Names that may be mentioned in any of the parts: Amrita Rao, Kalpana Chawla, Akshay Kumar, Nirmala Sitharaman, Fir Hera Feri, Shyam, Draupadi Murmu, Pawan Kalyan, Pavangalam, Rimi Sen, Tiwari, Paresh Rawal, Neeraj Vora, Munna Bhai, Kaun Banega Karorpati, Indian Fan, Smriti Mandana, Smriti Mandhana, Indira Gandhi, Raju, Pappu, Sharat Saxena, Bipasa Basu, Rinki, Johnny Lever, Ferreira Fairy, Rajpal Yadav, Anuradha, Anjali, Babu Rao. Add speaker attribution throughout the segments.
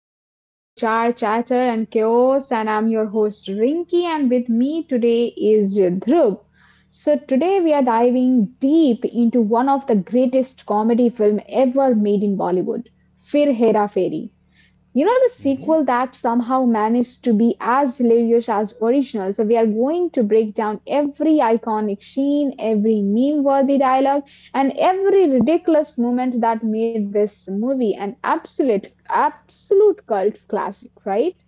Speaker 1: back to Chai Chatter and Chaos. And I'm your host Rinki, and with me today is Dhruv. So today we are diving deep into one of the greatest comedy film ever made in Bollywood, Fir Hera Fairy. You know, the
Speaker 2: Mhm.
Speaker 1: sequel that somehow managed to be as hilarious as original. So we are going to break down every iconic scene, every meme-worthy dialogue, and every ridiculous moment that made this movie an absolute cult classic, right?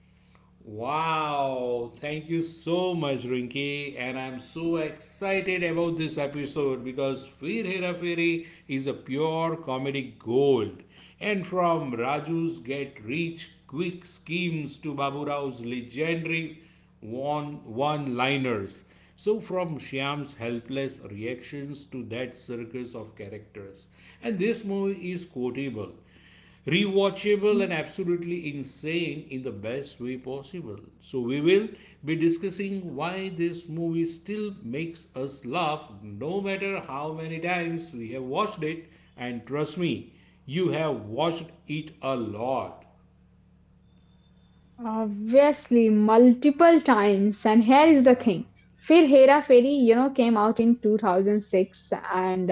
Speaker 2: Wow, thank you so much, Rinki, and I'm so excited about this episode because Fir Hera Feri is a pure comedic gold. And from Raju's get rich quick schemes to Babu Rao's legendary one one liners. So, from Shyam's helpless reactions to that circus of characters. And this movie is quotable, rewatchable, and
Speaker 1: Mhm.
Speaker 2: absolutely insane in the best way possible. So, we will be discussing why this movie still makes us laugh no matter how many times we have watched it. And trust me, you have watched it a lot.
Speaker 1: Obviously, multiple times. And here is the thing. Fir Hera Feri, came out in 2006. And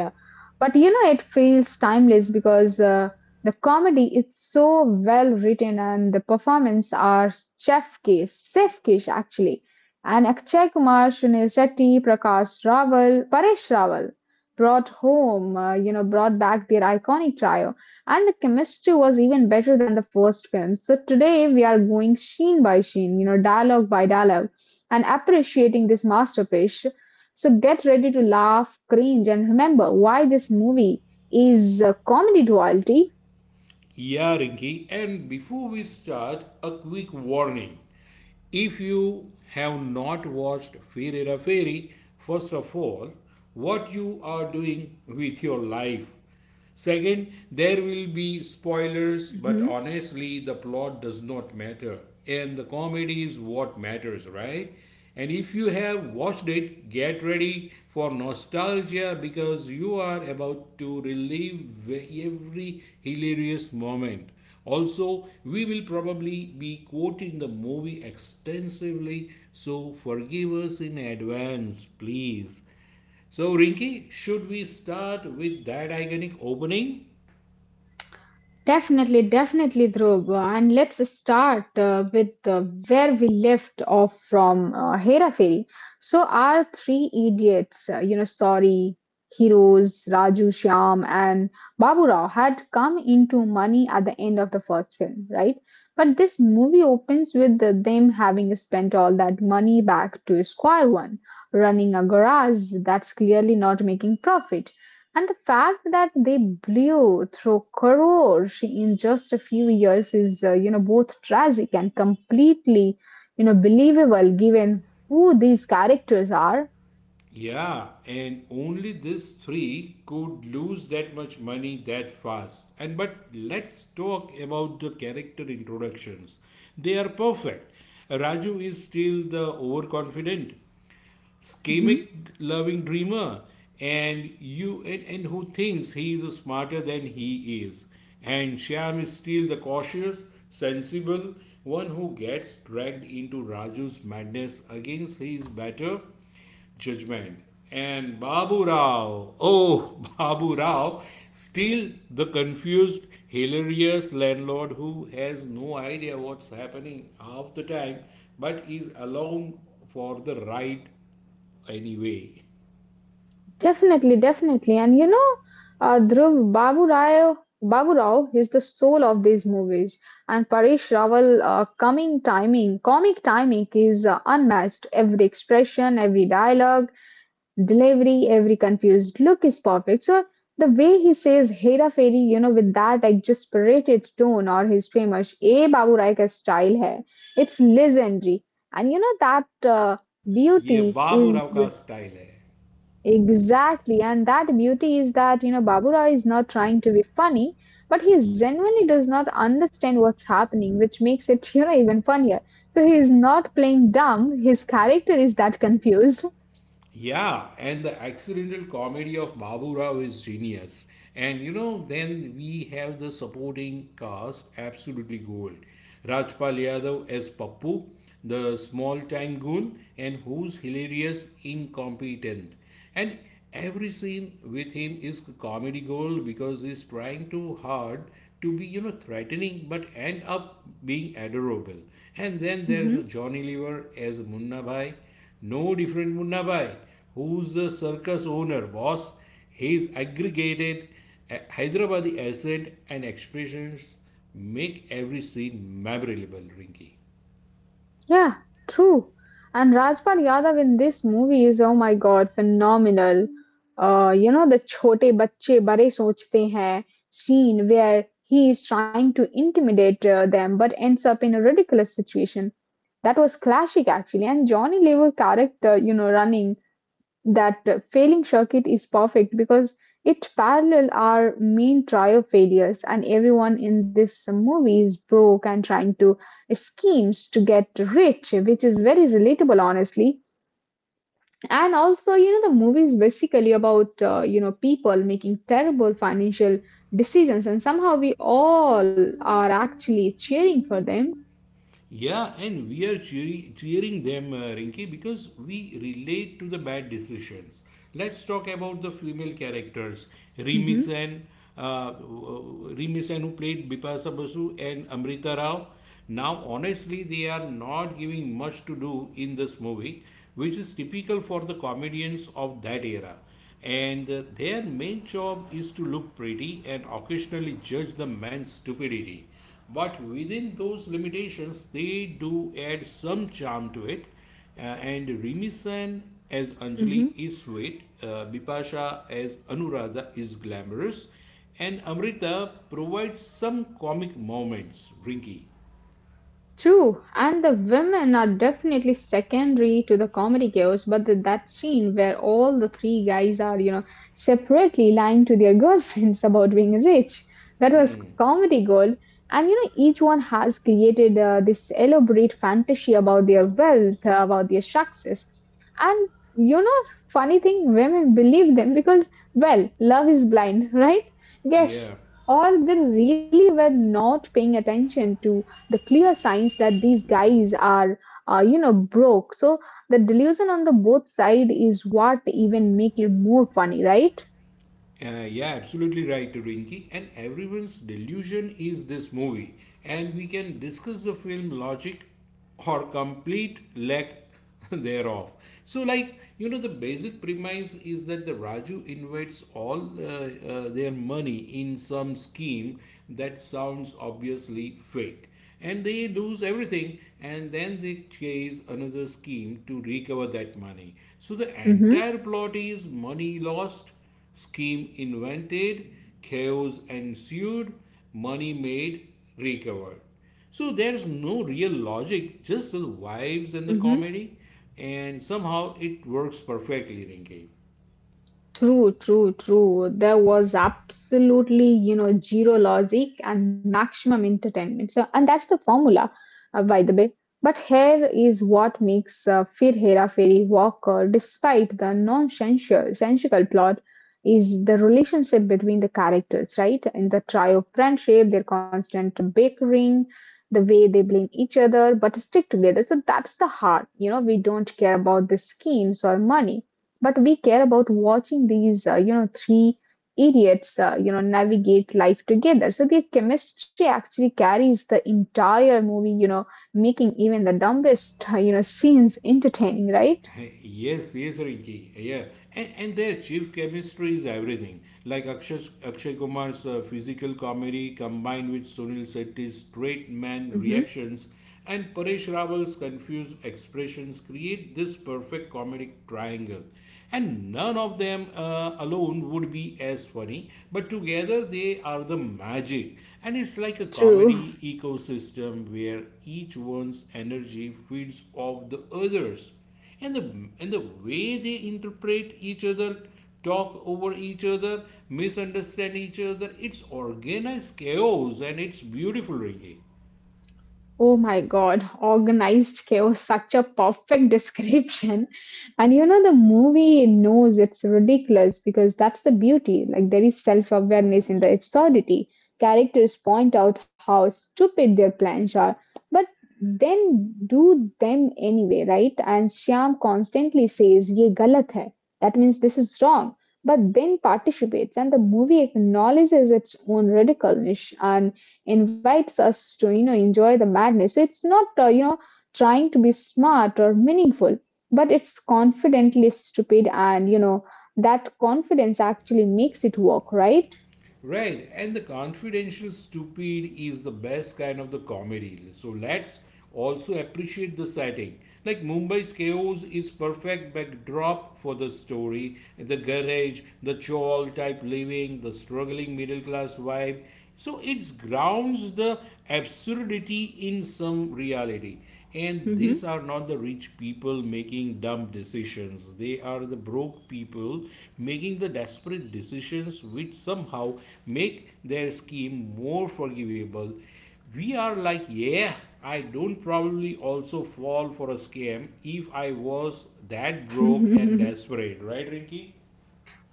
Speaker 1: It feels timeless because the comedy is so well written and the performance are chef kiss actually. And Akshay Kumar, Sunil Shetty, Prakash Rawal, Paresh Rawal brought home, brought back their iconic trio. And the chemistry was even better than the first film. So today we are going scene by scene, you know, dialogue by dialogue, and appreciating this masterpiece. So get ready to laugh, cringe, and remember why this movie is a comedy royalty.
Speaker 2: Yeah, Rinki. And before we start, a quick warning. If you have not watched Ferreira Fairy, first of all, what you are doing with your life? Second, there will be spoilers, but honestly, the plot does not matter. And the comedy is what matters, right? And if you have watched it, get ready for nostalgia because you are about to relive every hilarious moment. Also, we will probably be quoting the movie extensively, so forgive us in advance, please. So, Rinki, should we start with that iconic opening?
Speaker 1: Definitely, definitely, Dhruv. And let's start with where we left off from Hera Fairy. So our three idiots, you know, sorry, heroes, Raju, Shyam, and Babu Rao, had come into money at the end of the first film, right? But this movie opens with them having spent all that money back to Square One, running a garage that's clearly not making profit. And the fact that they blew through Korosh in just a few years is, both tragic and completely, you know, believable given who these characters are.
Speaker 2: Yeah, and only these three could lose that much money that fast. And but let's talk about the character introductions. They are perfect. Raju is still the overconfident, schemic
Speaker 1: Hmm.
Speaker 2: loving dreamer, and who thinks he is smarter than he is, and Shyam is still the cautious sensible one who gets dragged into Raju's madness against his better judgment. And Babu Rao, oh Babu Rao, still the confused hilarious landlord who has no idea what's happening half the time but is along for the ride. Anyway anyway,
Speaker 1: Definitely, definitely. And you know, Dhruv, Babu Rao is the soul of these movies. And Paresh Rawal, comic timing is unmatched. Every expression, every dialogue, delivery, every confused look is perfect. So the way he says Hera Fairy, you know, with that exasperated tone or his famous A Babu Rai ka style hai, it's legendary. And you know that uh,
Speaker 2: ये
Speaker 1: beauty is
Speaker 2: Baburao का style है.
Speaker 1: exactly, and that beauty is that you know Babu Rai is not trying to be funny, but he genuinely does not understand what's happening, which makes it you know even funnier. So he is not playing dumb. His character is that confused.
Speaker 2: Yeah, and the accidental comedy of Babu Rao is genius. And you know, then we have the supporting cast, absolutely gold. Rajpal Yadav as Pappu, the small time goon, and who's hilarious, incompetent. And every scene with him is comedy gold because he's trying too hard to be, you know, threatening but end up being adorable. And then there is a Johnny Lever as Munna Bhai, no different Munnabai, who's the circus owner, boss. His aggregated Hyderabadi accent and expressions make every scene memorable, Rinky.
Speaker 1: Yeah, true. And Rajpal Yadav in this movie is oh my god phenomenal. You know the छोटे बच्चे बड़े सोचते हैं scene where he is trying to intimidate them but ends up in a ridiculous situation. That was classic actually. And Johnny Lever character, you know, running that failing circuit is perfect because it parallel our main trio failures, and everyone in this movie is broke and trying to schemes to get rich, which is very relatable honestly. And also you know the movie is basically about you know people making terrible financial decisions and somehow we all are actually cheering for them.
Speaker 2: Yeah, and we are cheering them, Rinki, because we relate to the bad decisions. Let's talk about the female characters, Rimi
Speaker 1: Hmm.
Speaker 2: Sen, Rimi Sen, who played Bipasa Basu and Amrita Rao. Now, honestly, they are not giving much to do in this movie, which is typical for the comedians of that era, and their main job is to look pretty and occasionally judge the man's stupidity. But within those limitations, they do add some charm to it. And Rimi Sen as Anjali is sweet, Bipasha as Anuradha is glamorous, and Amrita provides some comic moments, Rinky.
Speaker 1: True, and the women are definitely secondary to the comedy chaos, but the, that scene where all the three guys are, you know, separately lying to their girlfriends about being rich, that was comedy gold. And, you know, each one has created this elaborate fantasy about their wealth, about their success. And, you know, funny thing, women believe them because, well, love is blind, right? Yes,
Speaker 2: Yeah.
Speaker 1: or they really were not paying attention to the clear signs that these guys are you know broke. So the delusion on the both side is what even make it more funny, right?
Speaker 2: Yeah, absolutely right, Rinki. And everyone's delusion is this movie. And we can discuss the film logic or complete lack thereof. So, like, you know, the basic premise is that the Raju invests all their money in some scheme that sounds obviously fake. And they lose everything and then they chase another scheme to recover that money. So, the
Speaker 1: Mm-hmm,
Speaker 2: entire plot is money lost, scheme invented, chaos ensued, money made, recovered. So there's no real logic, just the vibes and the
Speaker 1: mm-hmm.
Speaker 2: comedy. And somehow it works perfectly, Rinki.
Speaker 1: True, true, true. There was absolutely, you know, zero logic and maximum entertainment. So, and that's the formula, by the way. But here is what makes Fir Hera Fairy Walker, despite the nonsensical sensical plot, is the relationship between the characters, right? In the trio friendship, their constant bickering, the way they blame each other, but stick together. So that's the heart. You know, we don't care about the schemes or money, but we care about watching these you know three idiots you know navigate life together. So their chemistry actually carries the entire movie, you know, making even the dumbest you know scenes entertaining, right?
Speaker 2: Yes, yes, Rinki. Yeah, and their chief chemistry is everything. Like Akshay Kumar's physical comedy combined with Sunil Shetty's straight man
Speaker 1: Hmm.
Speaker 2: reactions and Paresh Rawal's confused expressions create this perfect comedic triangle. And none of them alone would be as funny, but together they are the magic. And it's like a
Speaker 1: True.
Speaker 2: comedy ecosystem where each one's energy feeds off the others, and the way they interpret each other, talk over each other, misunderstand each other, it's organized chaos, and it's beautiful, Ricky.
Speaker 1: Oh my God, organized chaos, such a perfect description. And you know, the movie knows it's ridiculous because that's the beauty. Like, there is self awareness in the absurdity. Characters point out how stupid their plans are, but then do them anyway, right? And Shyam constantly says, Ye galat hai. That means this is wrong. But then participates, and the movie acknowledges its own ridiculousness. And invites us to you know enjoy the madness. So it's not you know trying to be smart or meaningful, but it's confidently stupid, and you know that confidence actually makes it work, right?
Speaker 2: Right, and the confidential stupid is the best kind of the comedy. So let's also appreciate the setting. Like Mumbai's chaos is perfect backdrop for the story, the garage, the chawl type living, the struggling middle class vibe. So it grounds the absurdity in some reality. And these are not the rich people making dumb decisions. They are the broke people making the desperate decisions, which somehow make their scheme more forgivable. We are like, yeah, I don't probably also fall for a scam if I was that
Speaker 1: Hmm.
Speaker 2: broke and desperate, right, Rinky?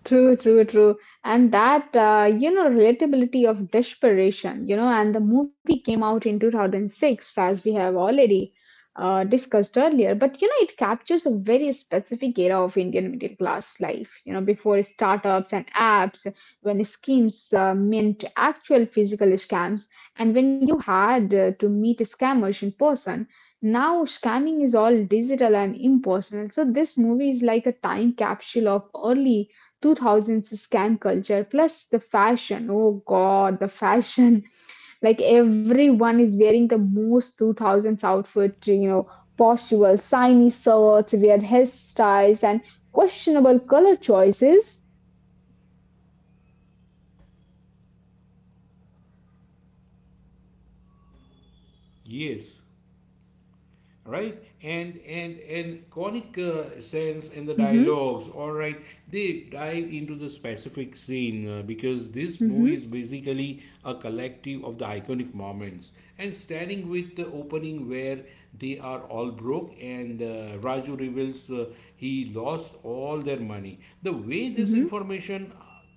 Speaker 1: True, true, true. And that, you know, relatability of desperation, you know, and the movie came out in 2006, as we have already discussed earlier. But, you know, it captures a very specific era of Indian middle class life, you know, before startups and apps, when schemes meant actual physical scams, and when you had to meet scammers in person. Now, scamming is all digital and impersonal. So this movie is like a time capsule of early 2000s scam culture, plus the fashion, oh god, the fashion. Like everyone is wearing the most 2000s outfit you know possible, shiny shirts, weird hairstyles, and questionable color choices.
Speaker 2: Yes. Right, and conic sense and the
Speaker 1: Mm-hmm,
Speaker 2: dialogues, all right, they dive into the specific scene, because this movie
Speaker 1: mm-hmm,
Speaker 2: is basically a collective of the iconic moments, and starting with the opening where they are all broke and Raju reveals he lost all their money. The way this
Speaker 1: mm-hmm.
Speaker 2: information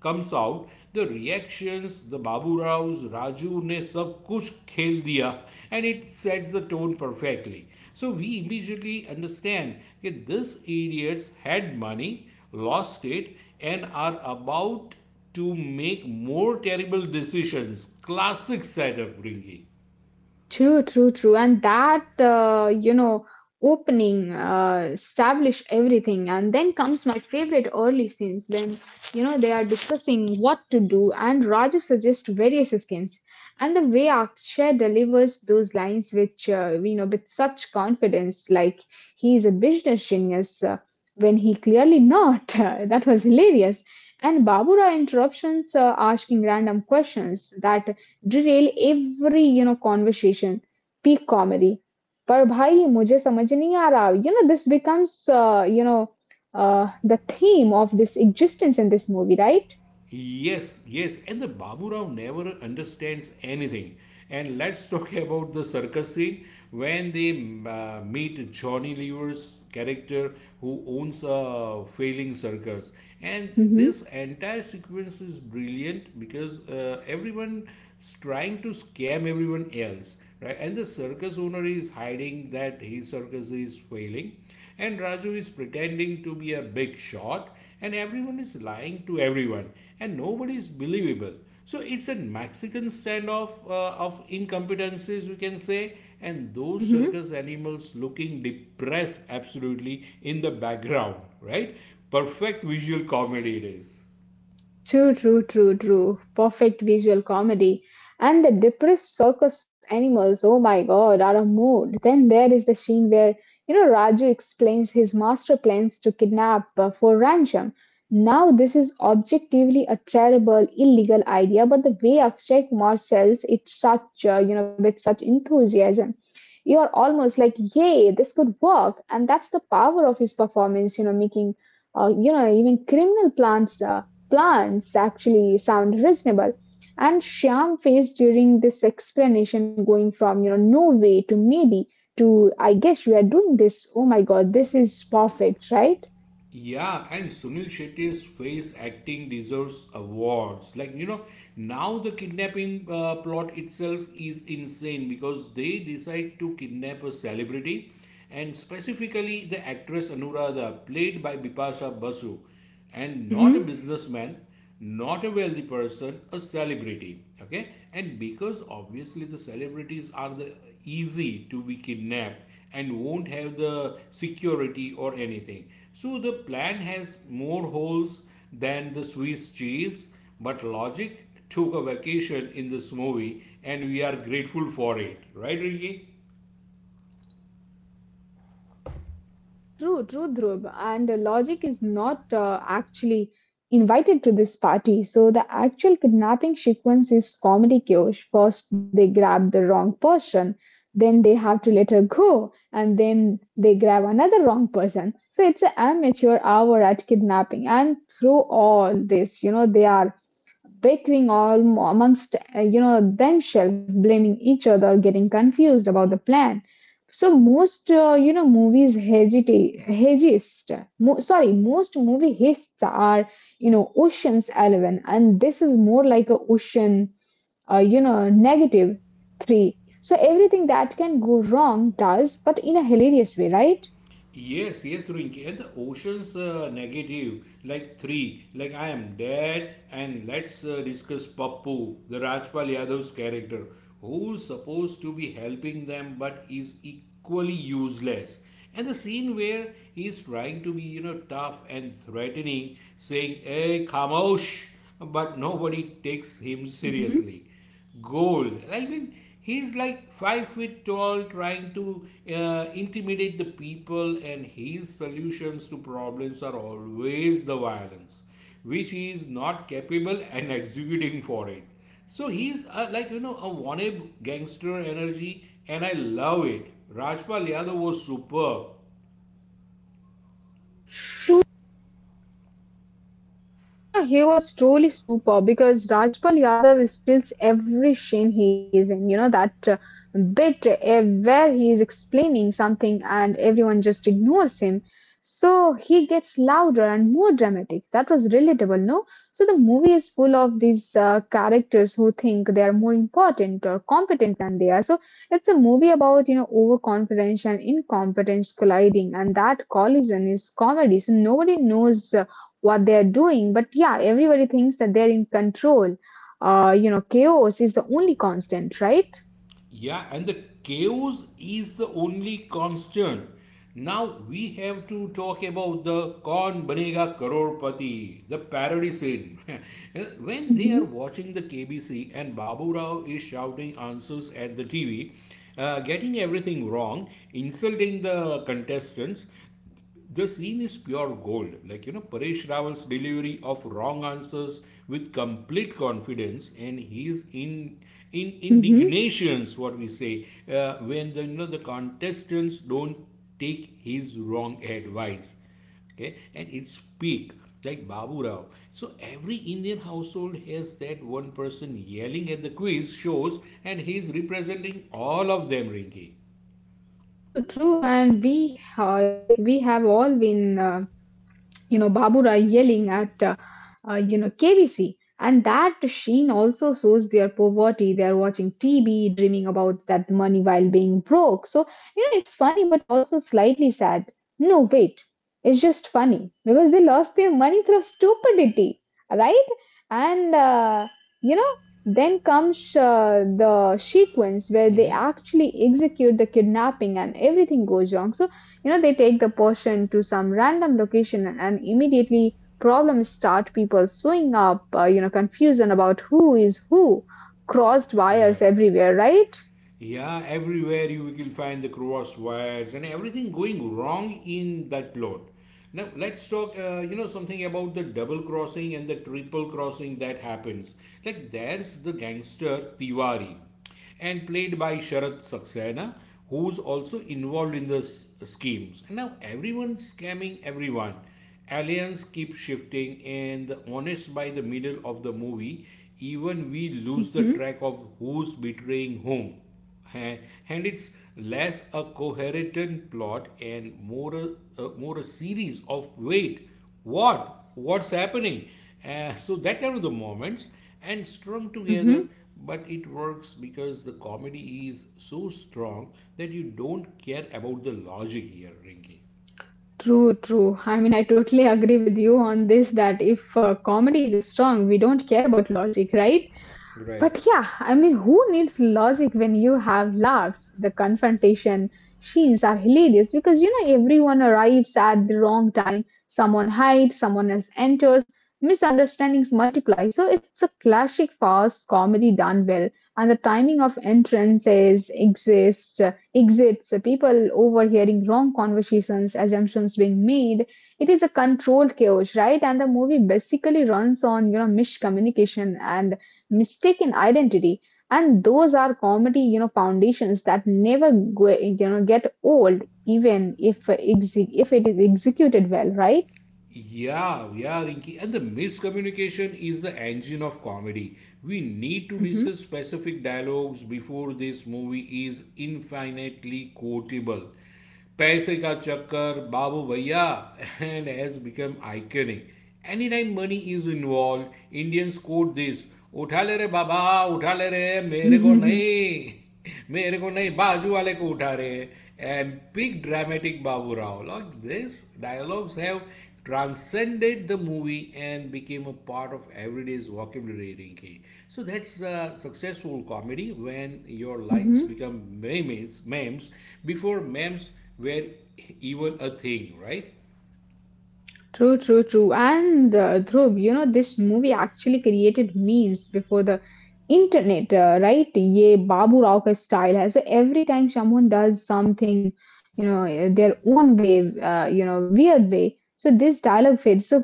Speaker 2: comes out, the reactions, the Baburaws Raju ne sab kuch khel diya, and it sets the tone perfectly. So we immediately understand that these idiots had money, lost it, and are about to make more terrible decisions. Classic side upbringing.
Speaker 1: True, true, true. And that, you know, opening, establish everything. And then comes my favorite early scenes when, you know, they are discussing what to do. And Raju suggests various schemes. And the way Akshay delivers those lines, which, you know, with such confidence, like he is a business genius, when he clearly not. That was hilarious. And Babura interruptions, asking random questions that derail every you know conversation, peak comedy. पर भाई मुझे समझ नहीं आ रहा, you know, this becomes you know the theme of this existence in this movie, right?
Speaker 2: Yes, yes, and the Babu Rao never understands anything. And let's talk about the circus scene when they meet Johnny Lever's character who owns a failing circus. And
Speaker 1: Hmm.
Speaker 2: this entire sequence is brilliant because everyone is trying to scam everyone else, right? And the circus owner is hiding that his circus is failing and Raju is pretending to be a big shot, and everyone is lying to everyone, and nobody is believable. So it's a Mexican standoff of incompetencies, we can say, and those
Speaker 1: Hmm.
Speaker 2: circus animals looking depressed absolutely in the background, right? Perfect visual comedy it is.
Speaker 1: True, true, true, true. Perfect visual comedy. And the depressed circus animals, oh my god, are a mood. Then there is the scene where, you know, Raju explains his master plans to kidnap for ransom. Now, this is objectively a terrible, illegal idea, but the way Akshay Kumar sells it such, you know, with such enthusiasm, you are almost like, yay, this could work. And that's the power of his performance, you know, making, you know, even criminal plans. Plans actually sound reasonable. And Shyam faced during this explanation going from, you know, no way to maybe to I guess we are doing this. Oh my God, this is perfect, right?
Speaker 2: Yeah, and Sunil Shetty's face acting deserves awards. Like, you know, now the kidnapping plot itself is insane because they decide to kidnap a celebrity, and specifically the actress Anuradha, played by Bipasha Basu, and not a businessman, not a wealthy person, a celebrity. Okay, and because obviously the celebrities are the easy to be kidnapped and won't have the security or anything. So the plan has more holes than the Swiss cheese, but logic took a vacation in this movie and we are grateful for it. Right, Ricky?
Speaker 1: True, true, Dhruv. And Logic is not actually invited to this party. So the actual kidnapping sequence is comedy chaos. First, they grab the wrong person, then they have to let her go, and then they grab another wrong person. So it's an amateur hour at kidnapping. And through all this, you know, they are bickering all amongst you know themselves, blaming each other, getting confused about the plan. So most you know movies hegist, sorry, most movie hists are you know oceans 11, and this is more like a ocean you know negative 3. So everything that can go wrong does, but in a hilarious way, right?
Speaker 2: Yes, yes, Rinki. And the ocean's negative, like three, like I am dead. And let's discuss Pappu, the Rajpal Yadav's character, who's supposed to be helping them but is equally useless. And the scene where he's trying to be, you know, tough and threatening, saying, "Hey, Kamosh," but nobody takes him
Speaker 1: Hmm.
Speaker 2: seriously, gold. I mean, he's like 5 feet tall, trying to intimidate the people, and his solutions to problems are always the violence, which he is not capable and executing for it. So he's like you know a wannabe gangster energy, and I love it. Rajpal Yadav was superb.
Speaker 1: You know, he was truly super because Rajpal Yadav steals every scene he is in. You know, that bit where he is explaining something and everyone just ignores him. So he gets louder and more dramatic. That was relatable, no? So the movie is full of these characters who think they are more important or competent than they are. So it's a movie about, you know, overconfidence and incompetence colliding, and that collision is comedy. So nobody knows what they're doing. But yeah, everybody thinks that they're in control. You know, chaos is the only constant, right?
Speaker 2: Yeah, and the chaos is the only constant. Now we have to talk about the Kaun Banega Karorpati, the parody scene. When they are
Speaker 1: Mm-hmm.
Speaker 2: watching the KBC and Babu Rao is shouting answers at the TV, getting everything wrong, insulting the contestants, the scene is pure gold. Like, you know, Paresh Rawal's delivery of wrong answers with complete confidence and he's in
Speaker 1: Mm-hmm.
Speaker 2: indignation, is what we say, when the, you know, the contestants don't take his wrong advice, okay, and it's peak. Like Babu Rao, so every Indian household has that one person yelling at the quiz shows, and he's representing all of them, Rinki.
Speaker 1: True, true. And we, like, we have all been you know babura yelling at you know KBC, and that sheen also shows their poverty. They are watching tv dreaming about that money while being broke. So you know it's funny but also slightly sad, no, wait, it's just funny because they lost their money through stupidity, right? And you know then comes the sequence where they actually execute the kidnapping and everything goes wrong. So you know, they take the person to some random location, and immediately problems start. People suing up, you know, confusion about who is who, crossed wires
Speaker 2: Right.
Speaker 1: everywhere, right?
Speaker 2: Yeah, everywhere you will find the cross wires and everything going wrong in that plot. Now let's talk, you know, something about the double crossing and the triple crossing that happens. Like there's the gangster Tiwari, and played by Sharat Saxena, who's also involved in the schemes. And now everyone's scamming everyone. Aliens keep shifting, and the honest by the middle of the movie, even we lose
Speaker 1: Mm-hmm,
Speaker 2: of who's betraying whom. A- And it's less a coherent plot and more a, more a series of wait, what's happening? So that kind of the moments and strung together.
Speaker 1: mm-hmm.
Speaker 2: But it works because the comedy is so strong that you don't care about the logic here, Rinky.
Speaker 1: True, true. I mean, I totally agree with you on this that if comedy is strong, we don't care about logic, right?
Speaker 2: Right.
Speaker 1: But yeah, I mean, who needs logic when you have laughs? The confrontation scenes are hilarious because you know everyone arrives at the wrong time. Someone hides, someone else enters, misunderstandings multiply. So it's a classic fast comedy done well, and the timing of entrances exists, exits, people overhearing wrong conversations, assumptions being made. It is a controlled chaos, right? And the movie basically runs on you know miscommunication and mistaken identity, and those are comedy you know foundations that never go, you know get old even if if it is executed well, right?
Speaker 2: Yeah, yeah, Rinki. And the miscommunication is the engine of comedy. We need to discuss specific dialogues before this movie is infinitely quotable. Paise ka chakkar, babu bhaiya, and has become iconic. Anytime money is involved, Indians quote this, उठा ले रे बाबा उठा re. रे मेरे ko
Speaker 1: Mm-hmm.
Speaker 2: nahi, मेरे ko nahi. Baju wale ko उठा रे and big dramatic Babu Rao. Like this, dialogues have transcended the movie and became a part of everyday's vocabulary, Rinki. So that's a successful comedy when your line become memes before memes were even a thing, right?
Speaker 1: True, true, true. And Dhruv, you know, this movie actually created memes before the internet, right? Ye Babu Rao ka style hai. So every time someone does something, you know, their own way, you know, weird way. So this dialogue fits. So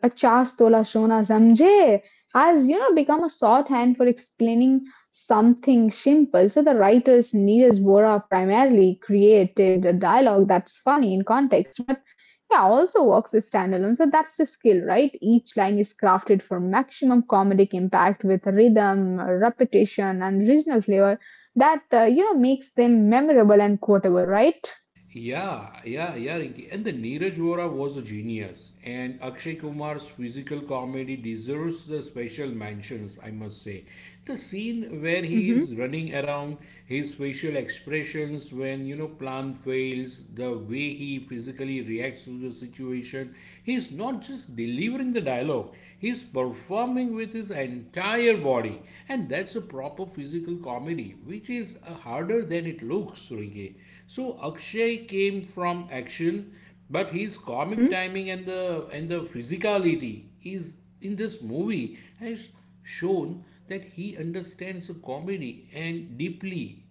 Speaker 1: 50 tola sona samjhe has, you know, become a shorthand for explaining something simple. So the writers, Neeraj Bora, primarily created the dialogue that's funny in context, but yeah, also works as standalone. So that's the skill, right? Each line is crafted for maximum comedic impact with rhythm, repetition, and regional flavor that, you know, makes them memorable and quotable, right?
Speaker 2: Yeah, yeah, yeah, Rinki. And the Neeraj Vora was a genius. And Akshay Kumar's physical comedy deserves the special mentions, I must say. The scene where he
Speaker 1: Mm-hmm.
Speaker 2: is running around, his facial expressions when, plan fails, the way he physically reacts to the situation, he's not just delivering the dialogue, he's performing acting with his entire body, and that's a proper physical comedy, which is harder than it looks, Rinke. So Akshay came from action, but his comic timing and the physicality is in this movie has shown that he understands the comedy and deeply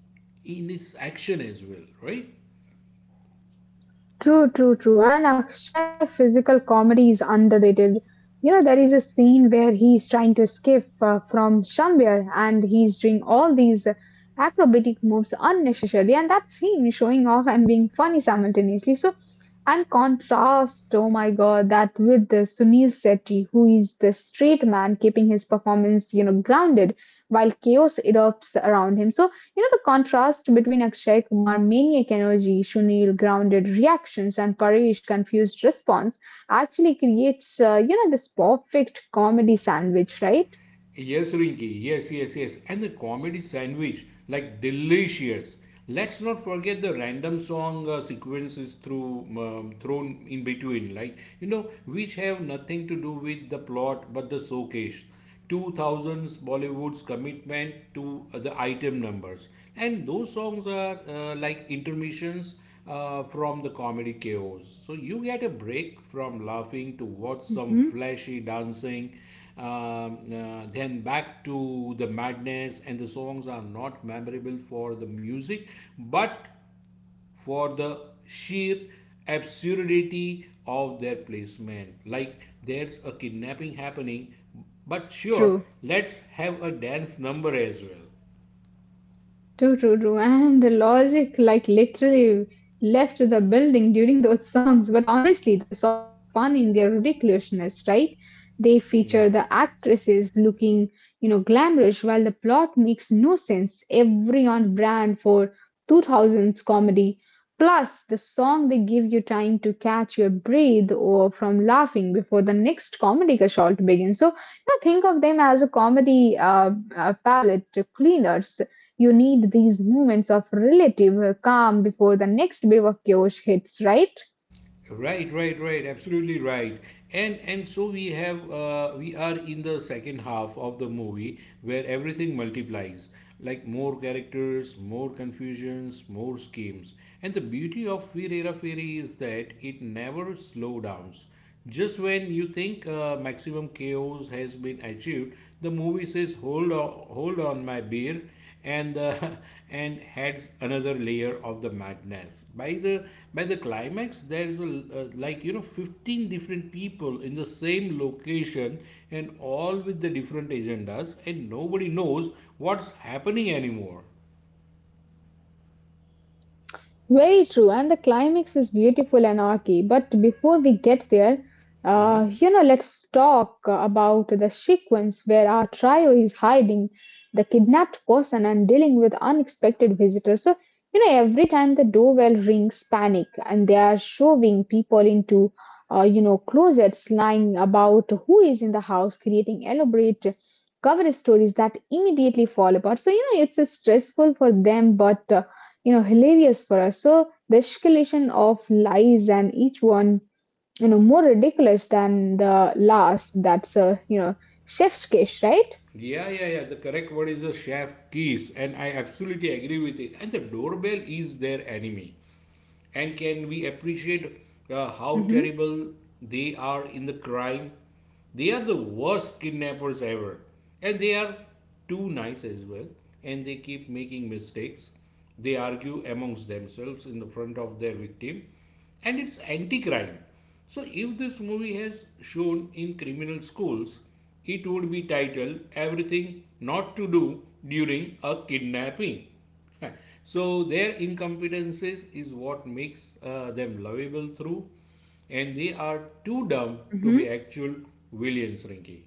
Speaker 2: in its action as well, right?
Speaker 1: True, true, true. And Akshay physical comedy is underrated. You know, there is a scene where he's trying to escape from somewhere and he's doing all these acrobatic moves unnecessarily, and that's him showing off and being funny simultaneously. So, and contrast, oh my god, that with the Sunil Shetty, who is the straight man keeping his performance, you know, grounded while chaos erupts around him. So, you know, the contrast between Akshay Kumar maniac energy, Sunil grounded reactions, and Paresh confused response actually creates, you know, this perfect comedy sandwich, right?
Speaker 2: Yes, Rinki. Yes, yes, yes. And the comedy sandwich, like delicious. Let's not forget the random song sequences through thrown in between, like which have nothing to do with the plot but the showcase. 2000s Bollywood's commitment to the item numbers, and those songs are like intermissions from the comedy chaos. So you get a break from laughing to watch some
Speaker 1: Hmm.
Speaker 2: flashy dancing, then back to the madness. And the songs are not memorable for the music, but for the sheer absurdity of their placement. Like there's a kidnapping happening, but sure,
Speaker 1: True.
Speaker 2: let's have a dance number as well.
Speaker 1: True, true, true. And logic, like, literally left the building during those songs. But honestly, the songs are fun in their ridiculousness, right? They feature
Speaker 2: Yeah.
Speaker 1: the actresses looking, you know, glamorous while the plot makes no sense. Every on brand for 2000s comedy. Plus, the song they give you time to catch your breath or from laughing before the next comedic assault begins. So, you know, think of them as a comedy palette cleaners, you need these moments of relative calm before the next wave of chaos hits, right?
Speaker 2: Right, right, right. Absolutely right. And so we have we are in the second half of the movie where everything multiplies, like more characters, more confusions, more schemes. And the beauty of Firera Fairy is that it never slows down. Just when you think maximum chaos has been achieved, the movie says, "Hold on, hold on, my beer," and and adds another layer of the madness by the climax there is a, like 15 different people in the same location and all with the different agendas and nobody knows what's happening anymore.
Speaker 1: Very true, and the climax is beautiful anarchy. But before we get there, you know, let's talk about the sequence where our trio is hiding the kidnapped person and dealing with unexpected visitors. So, you know, every time the doorbell rings, panic, and they are shoving people into, you know, closets, lying about who is in the house, creating elaborate cover stories that immediately fall apart. So, you know, it's stressful for them, but you know hilarious for us. So the escalation of lies and each one, you know, more ridiculous than the last, that's a you know chef's kiss, right?
Speaker 2: Yeah, yeah, yeah. The correct word is the chef keys, and I absolutely agree with it. And the doorbell is their enemy. And can we appreciate how
Speaker 1: Mm-hmm,
Speaker 2: terrible they are in the crime? They are the worst kidnappers ever. And they are too nice as well. And they keep making mistakes. They argue amongst themselves in the front of their victim. And it's anti crime. So, if this movie has shown in criminal schools, it would be titled Everything Not to Do During a Kidnapping. Yeah. So their incompetences is what makes them lovable through, and they are too dumb to
Speaker 1: mm-hmm.
Speaker 2: actual villains, Rinky.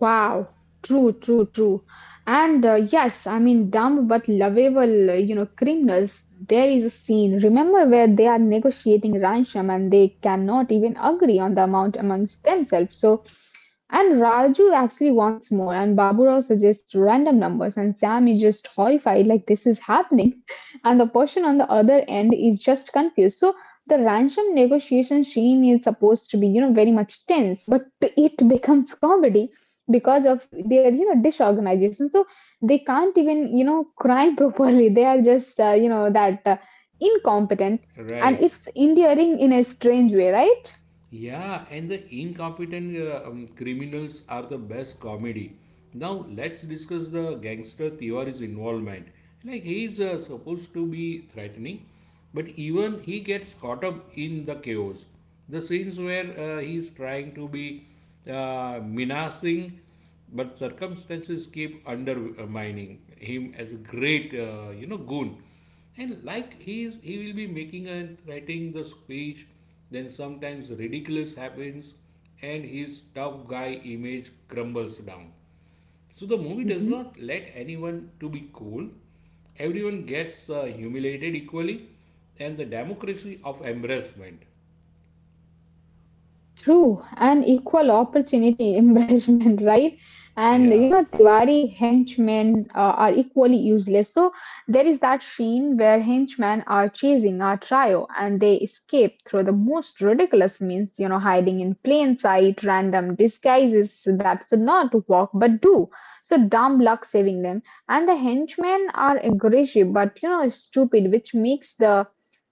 Speaker 1: Wow. True, true, true. And yes, I mean dumb but lovable you know criminals. There is a scene, remember, where they are negotiating ransom and they cannot even agree on the amount amongst themselves. So and Raju actually wants more, and Baburao suggests random numbers, and Sam is just horrified, like this is happening. And the person on the other end is just confused. So the ransom negotiation scene is supposed to be, you know, very much tense, but it becomes comedy because of their, you know, disorganization. So they can't even, you know, crime properly. They are just, you know, that incompetent, and
Speaker 2: Right.
Speaker 1: it's endearing in a strange way, right?
Speaker 2: Yeah, and the incompetent criminals are the best comedy. Now let's discuss the gangster Tiwari's involvement. Like he's supposed to be threatening, but even he gets caught up in the chaos. The scenes where he's trying to be menacing but circumstances keep undermining him as a great goon, and like he will be making and writing the speech, then sometimes ridiculous happens and his tough guy image crumbles down. So the movie does not let anyone to be cool. Everyone gets humiliated equally, and the democracy of embarrassment.
Speaker 1: True, an equal opportunity embarrassment, right? And
Speaker 2: Yeah.
Speaker 1: you know, Tiwari henchmen are equally useless. So there is that scene where henchmen are chasing our trio and they escape through the most ridiculous means, you know, hiding in plain sight, random disguises that should not work but do. So dumb luck saving them. And the henchmen are aggressive but you know stupid, which makes the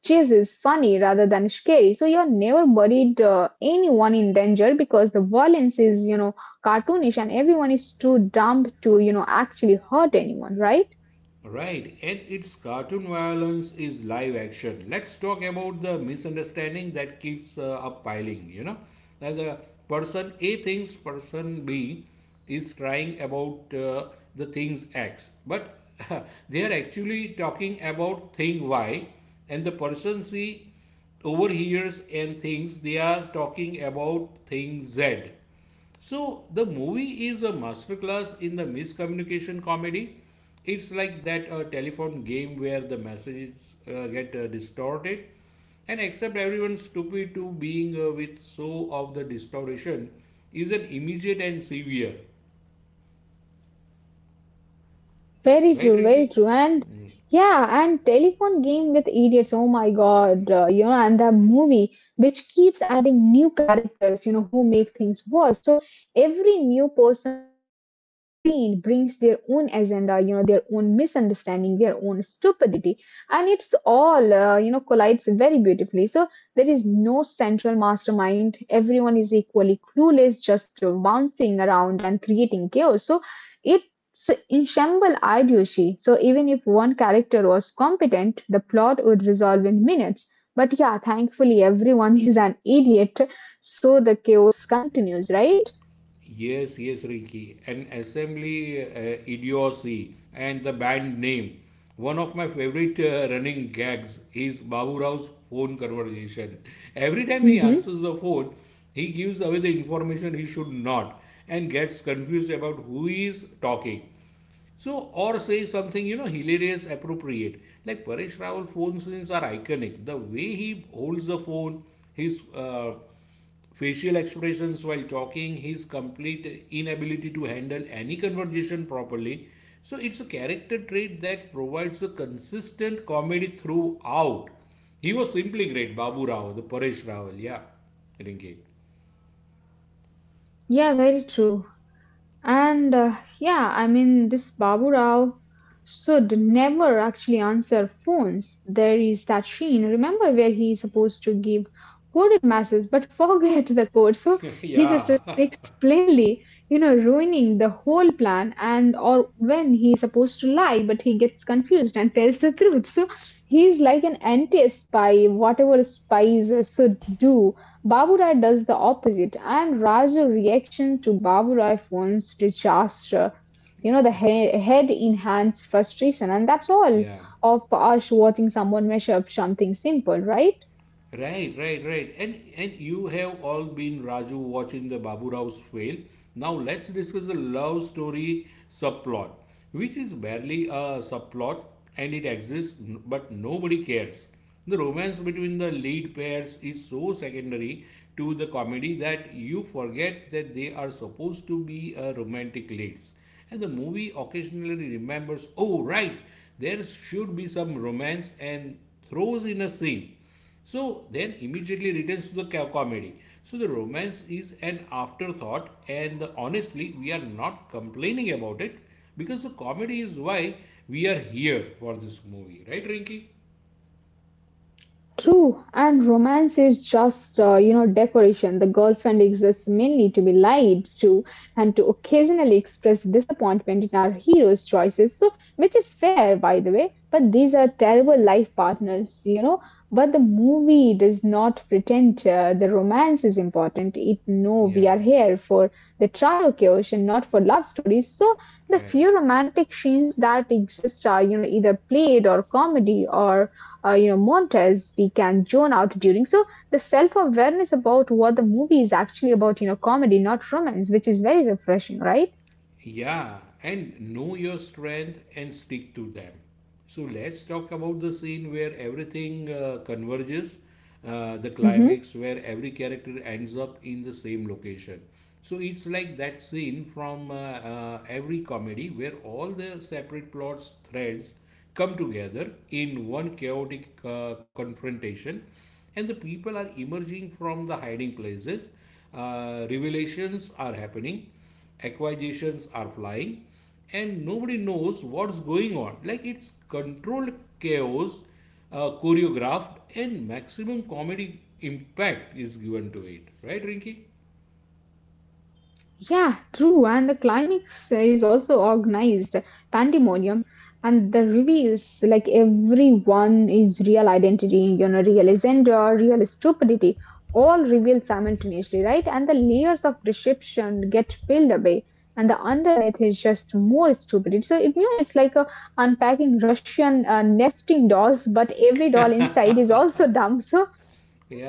Speaker 1: chases funny rather than scary. So you're never worried anyone in danger because the violence is you know cartoonish and everyone is too dumb to you know actually hurt anyone, right?
Speaker 2: Right, and its cartoon violence is live action. Let's talk about the misunderstanding that keeps up piling. Like the person A thinks person B is crying about the things X, but they are actually talking about thing Y, and the person C overhears and thinks they are talking about thing Z. So the movie is a masterclass in the miscommunication comedy. It's like that telephone game where the messages get distorted and accept everyone's stupid to being with so of the distortion is an immediate and severe.
Speaker 1: Very
Speaker 2: Right,
Speaker 1: true, very
Speaker 2: Rinki?
Speaker 1: true. And yeah, and telephone game with idiots. Oh my God, you know, and the movie which keeps adding new characters, you know, who make things worse. So every new person who enters the scene brings their own agenda, you know, their own misunderstanding, their own stupidity, and it's all, you know, collides very beautifully. So there is no central mastermind. Everyone is equally clueless, just bouncing around and creating chaos. So it so in Shambhala Idyushi, so even if one character was competent, the plot would resolve in minutes. But yeah, thankfully everyone is an idiot, so the chaos continues, right?
Speaker 2: Yes, yes, Rinky. An assembly idiocy and the band name. One of my favorite running gags is Babu Rao's phone conversation. Every time he
Speaker 1: Hmm.
Speaker 2: answers the phone, he gives away the information he should not and gets confused about who is talking. So, or say something, hilarious, appropriate. Like Paresh Rawal phone scenes are iconic. The way he holds the phone, his facial expressions while talking, his complete inability to handle any conversation properly. So, it's a character trait that provides a consistent comedy throughout. He was simply great, Babu Rao, the Paresh Rawal. Yeah, Rinki.
Speaker 1: Yeah, very true. And yeah, I mean, this Babu Rao should never actually answer phones. There is that scene, remember, where he is supposed to give coded messages but forget the code. So he just
Speaker 2: Yeah,
Speaker 1: speaks plainly, you know, ruining the whole plan. And or when he is supposed to lie, but he gets confused and tells the truth. So he's like an anti spy, whatever spies should do. Baburai does the opposite, and Raja reaction to Baburai phones disaster. You know, the head enhanced frustration, and that's all
Speaker 2: yeah.
Speaker 1: of us watching someone measure up something simple, right?
Speaker 2: Right, right, right. And you have all been Raju watching the Babu Rao's fail. Now let's discuss the love story subplot, which is barely a subplot and it exists but nobody cares. The romance between the lead pairs is so secondary to the comedy that you forget that they are supposed to be a romantic leads. And the movie occasionally remembers, oh right, there should be some romance and throws in a scene so then immediately returns to the comedy. So the romance is an afterthought, and honestly, we are not complaining about it because the comedy is why we are here for this movie, right, Rinky?
Speaker 1: True, and romance is just, you know, decoration. The girlfriend exists mainly to be lied to and to occasionally express disappointment in our hero's choices, so which is fair, by the way. But these are terrible life partners, you know. But the movie does not pretend the romance is important. It no,
Speaker 2: Yeah,
Speaker 1: we are here for the trioculation, and not for love stories. So the
Speaker 2: right.
Speaker 1: few romantic scenes that exist are, you know, either played or comedy or you know Montez began zone out during. So the self awareness about what the movie is actually about, you know, comedy, not romance, which is very refreshing, right?
Speaker 2: Yeah, and know your strength and stick to them. So let's talk about the scene where everything converges, the
Speaker 1: Hmm.
Speaker 2: climax where every character ends up in the same location. So it's like that scene from every comedy where all the separate plots, threads come together in one chaotic confrontation, and the people are emerging from the hiding places. Revelations are happening, acquisitions are flying, and nobody knows what's going on. Like it's controlled chaos, choreographed, and maximum comedy impact is given to it, right, Rinky?
Speaker 1: Yeah, true. And the climax is also organized pandemonium, and the reveals like everyone is real identity, you know, real agenda, real stupidity, all revealed simultaneously, right? And the layers of deception get peeled away, and the underneath is just more stupidity. So it, you know, it's like a unpacking Russian nesting dolls, but every doll inside is also dumb. So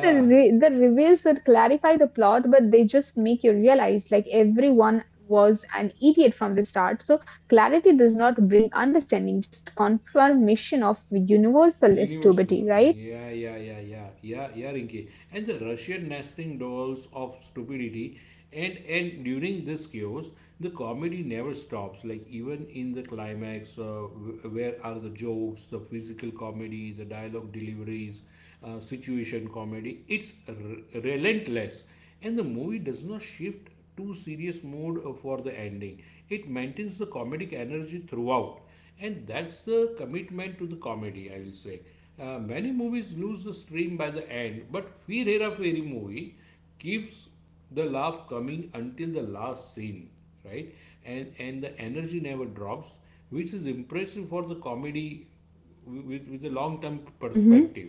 Speaker 1: the reveals that clarify the plot, but they just make you realize like everyone was an idiot from the start. So clarity does not bring understanding, just confirmation of universal
Speaker 2: Universal
Speaker 1: stupidity,
Speaker 2: dog.
Speaker 1: right?
Speaker 2: Yeah, yeah, yeah, yeah, yeah, yeah, Rinki. And the Russian nesting dolls of stupidity. And during this chaos, the comedy never stops. Like even in the climax, where are the jokes, the physical comedy, the dialogue deliveries, situation comedy? It's relentless, and the movie does not shift to serious mode for the ending. It maintains the comedic energy throughout, and that's the commitment to the comedy, I will say. Many movies lose the stream by the end, but Fir Hera Fairy movie keeps the laugh coming until the last scene, right? And the energy never drops, which is impressive for the comedy with a long term
Speaker 1: Mm-hmm.
Speaker 2: perspective.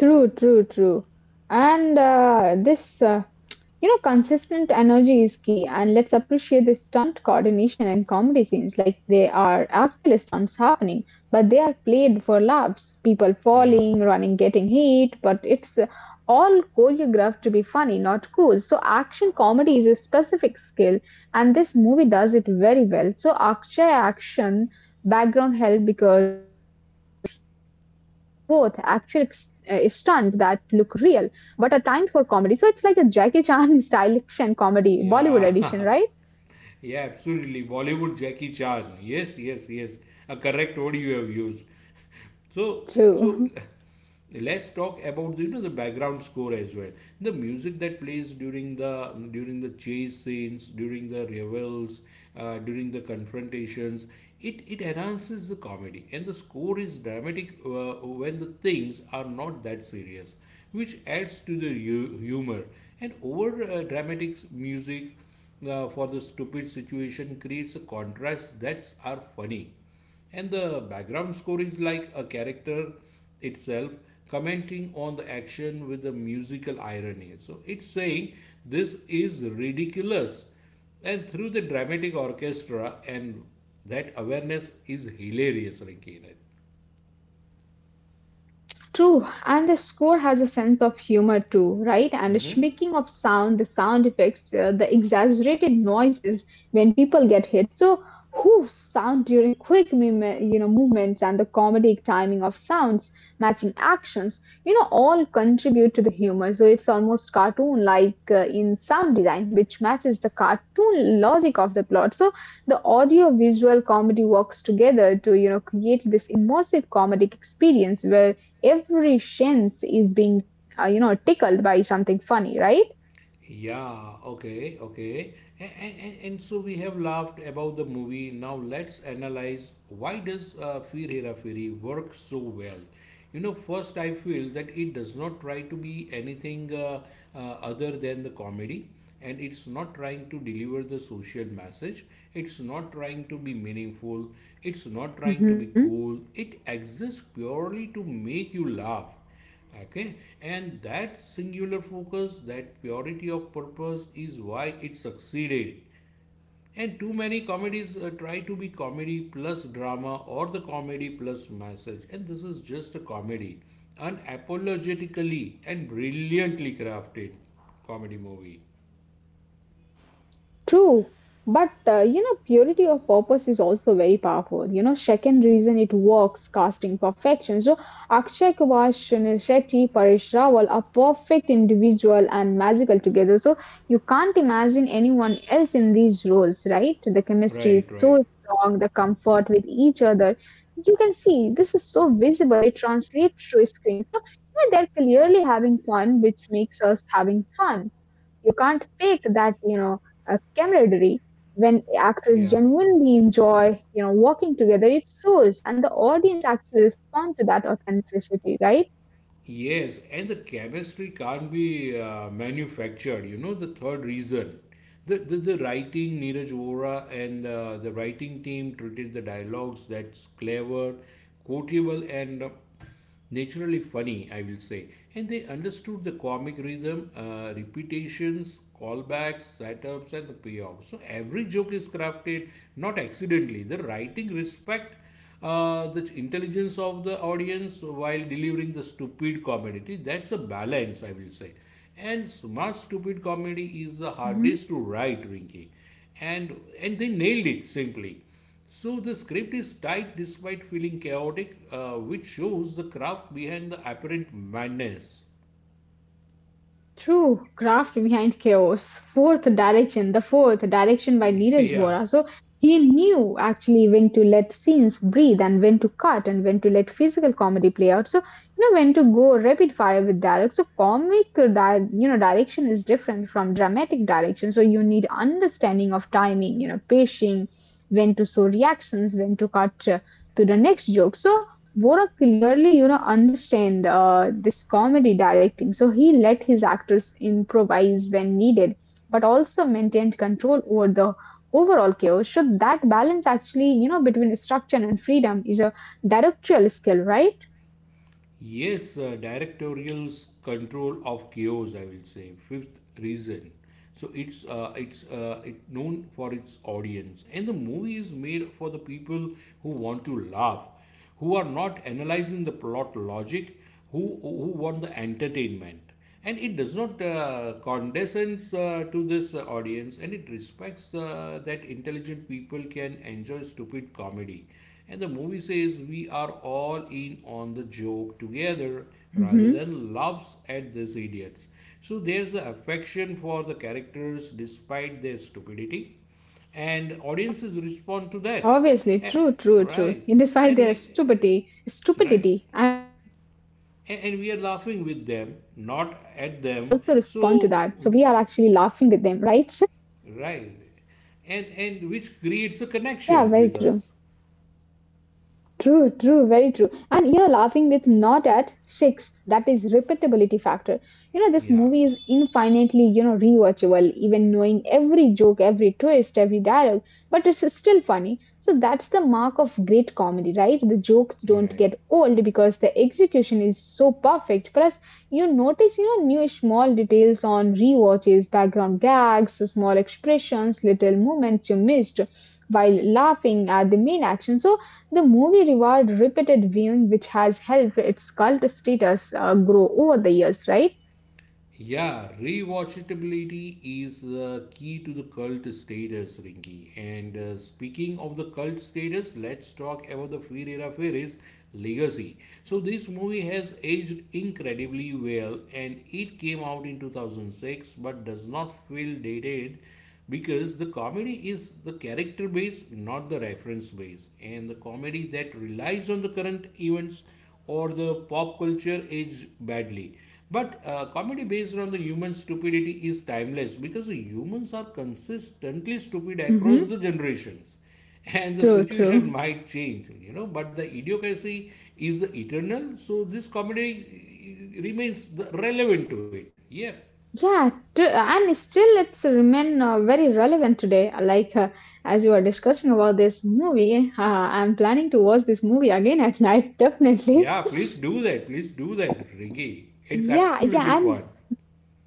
Speaker 1: True, true, true. And this you know, consistent energy is key, and let's appreciate the stunt coordination and comedy scenes like they are actual stunts happening, but they are played for laughs. People
Speaker 2: Yeah,
Speaker 1: falling, running, getting hit, but it's all choreographed to be funny, not cool. So, action comedy is a specific skill, and this movie does it very well. So, Akshay action background help because he can do both actual stunt that look real but a timed for comedy. So it's like a Jackie Chan style action comedy, Bollywood edition, right?
Speaker 2: yeah. Yeah, absolutely. Bollywood Jackie Chan. Yes, yes, yes. A correct word you have used. So,
Speaker 1: True.
Speaker 2: so, let's talk about the background score as well. The music that plays during the chase scenes, during the revels, during the confrontations, it enhances the comedy, and the score is dramatic when the things are not that serious, which adds to the humor, and over dramatic music for the stupid situation creates a contrast that's are funny, and the background score is like a character itself commenting on the action with the musical irony. So it's saying this is ridiculous and through the dramatic orchestra, and that awareness is hilarious, Rinki.
Speaker 1: True, and the score has a sense of humor too, right? And the speaking of sound, the sound effects, the exaggerated noises when people get hit. So, whoof sound during quick, you know, movements and the comedic timing of sounds matching actions, you know, all contribute to the humor. So it's almost cartoon-like in sound design, which matches the cartoon logic of the plot. So the audio-visual comedy works together to, you know, create this immersive comedic experience where every sense is being you know tickled by something funny, right?
Speaker 2: Yeah, okay, okay. And so we have laughed about the movie. Now let's analyze why does Fir Hera Feri work so well? You know, first I feel that it does not try to be anything other than the comedy, and it's not trying to deliver the social message. It's not trying to be meaningful. It's not trying to be
Speaker 1: Hmm.
Speaker 2: cool. It exists purely to make you laugh. Okay, and that singular focus, that purity of purpose is why it succeeded. And too many comedies try to be comedy plus drama or the comedy plus message, and this is just a comedy, unapologetically and brilliantly crafted comedy movie.
Speaker 1: True, but you know, purity of purpose is also very powerful. You know, second reason it works, casting perfection. So, Akshay Kumar, Sunil Shetty, Paresh Rawal are perfect individual and magical together. So, you can't imagine anyone else in these roles, right? The chemistry
Speaker 2: Right,
Speaker 1: is
Speaker 2: right.
Speaker 1: so strong, the comfort with each other. You can see this is so visible, it translates through screen. So, you know, they're clearly having fun, which makes us having fun. You can't fake that, you know, camaraderie. When actors
Speaker 2: Yeah.
Speaker 1: genuinely enjoy, you know, working together, it shows, and the audience actually respond to that authenticity, right?
Speaker 2: Yes, and the chemistry can't be manufactured. You know, the third reason. The writing, Neeraj Vora and the writing team treated the dialogues that's clever, quotable, and naturally funny, I will say. And they understood the comic rhythm, repetitions, callbacks, setups, and the payoff. So every joke is crafted not accidentally. The writing respect the intelligence of the audience while delivering the stupid comedy. That's a balance, I will say. And smart stupid comedy is the hardest to write, Rinky. And they nailed it simply. So the script is tight despite feeling chaotic, which shows the craft behind the apparent madness.
Speaker 1: True, craft behind chaos. Fourth direction, the fourth direction by Neeraj
Speaker 2: yeah.
Speaker 1: Vora. So he knew actually when to let scenes breathe and when to cut and when to let physical comedy play out. So you know when to go rapid fire with dialogue. So comic, direction is different from dramatic direction. So you need understanding of timing, you know, pacing, when to show reactions, when to cut to the next joke. So Vora clearly, you know, understand this comedy directing, so he let his actors improvise when needed, but also maintained control over the overall chaos. So that balance, actually, you know, between structure and freedom is a directorial skill, right?
Speaker 2: Yes, directorial's control of chaos, I will say. Fifth reason. So it known for its audience, and the movie is made for the people who want to laugh, who are not analyzing the plot logic, who want the entertainment, and it does not condescends to this audience, and it respects that intelligent people can enjoy stupid comedy, and the movie says we are all in on the joke together rather than laughs
Speaker 1: Hmm.
Speaker 2: at these idiots. So there's the affection for the characters despite their stupidity, and audiences respond to that,
Speaker 1: Obviously, true, true, true.
Speaker 2: right?
Speaker 1: In
Speaker 2: And
Speaker 1: despite
Speaker 2: we
Speaker 1: their stupidity,
Speaker 2: right.
Speaker 1: stupidity, and actually,
Speaker 2: and,
Speaker 1: you
Speaker 2: and
Speaker 1: know,
Speaker 2: we are
Speaker 1: audience
Speaker 2: laughing with
Speaker 1: also
Speaker 2: them,
Speaker 1: respond to
Speaker 2: not
Speaker 1: that. So
Speaker 2: at
Speaker 1: we are
Speaker 2: them.
Speaker 1: actually laughing with
Speaker 2: So
Speaker 1: them, right?
Speaker 2: right. And which creates a
Speaker 1: Yeah, very
Speaker 2: connection with
Speaker 1: true.
Speaker 2: us.
Speaker 1: True, true, very true. And you know, laughing with not at six, that is repeatability factor. You know, this
Speaker 2: Yeah.
Speaker 1: movie is infinitely, you know, rewatchable, even knowing every joke, every twist, every dialogue, but it's still funny. So that's the mark of great comedy, right? The jokes don't
Speaker 2: Right.
Speaker 1: get old because the execution is so perfect. Plus, you notice, you know, new small details on rewatches, background gags, small expressions, little moments you missed while laughing at the main action. So the movie reward repeated viewing, which has helped its cult status grow over the years, right?
Speaker 2: Yeah, rewatchability is the key to the cult status, Rinky. And speaking of the cult status, let's talk about the Fear Hera Fairies legacy. So, this movie has aged incredibly well and it came out in 2006 but does not feel dated because the comedy is the character based, not the reference based. And the comedy that relies on the current events or the pop culture age badly. But comedy based on the human stupidity is timeless because the humans are consistently stupid across
Speaker 1: Mm-hmm.
Speaker 2: the generations. And the
Speaker 1: True,
Speaker 2: situation
Speaker 1: true.
Speaker 2: might change, you know, but the idiocracy is eternal. So this comedy relevant to it. Yeah.
Speaker 1: Yeah, true. And still, it's remain very relevant today. Like as you were discussing about this movie, I'm planning to watch this movie again at night, definitely.
Speaker 2: Yeah, please do that. Please do that, Ringy. It's
Speaker 1: Yeah,
Speaker 2: absolutely
Speaker 1: yeah, and
Speaker 2: fun.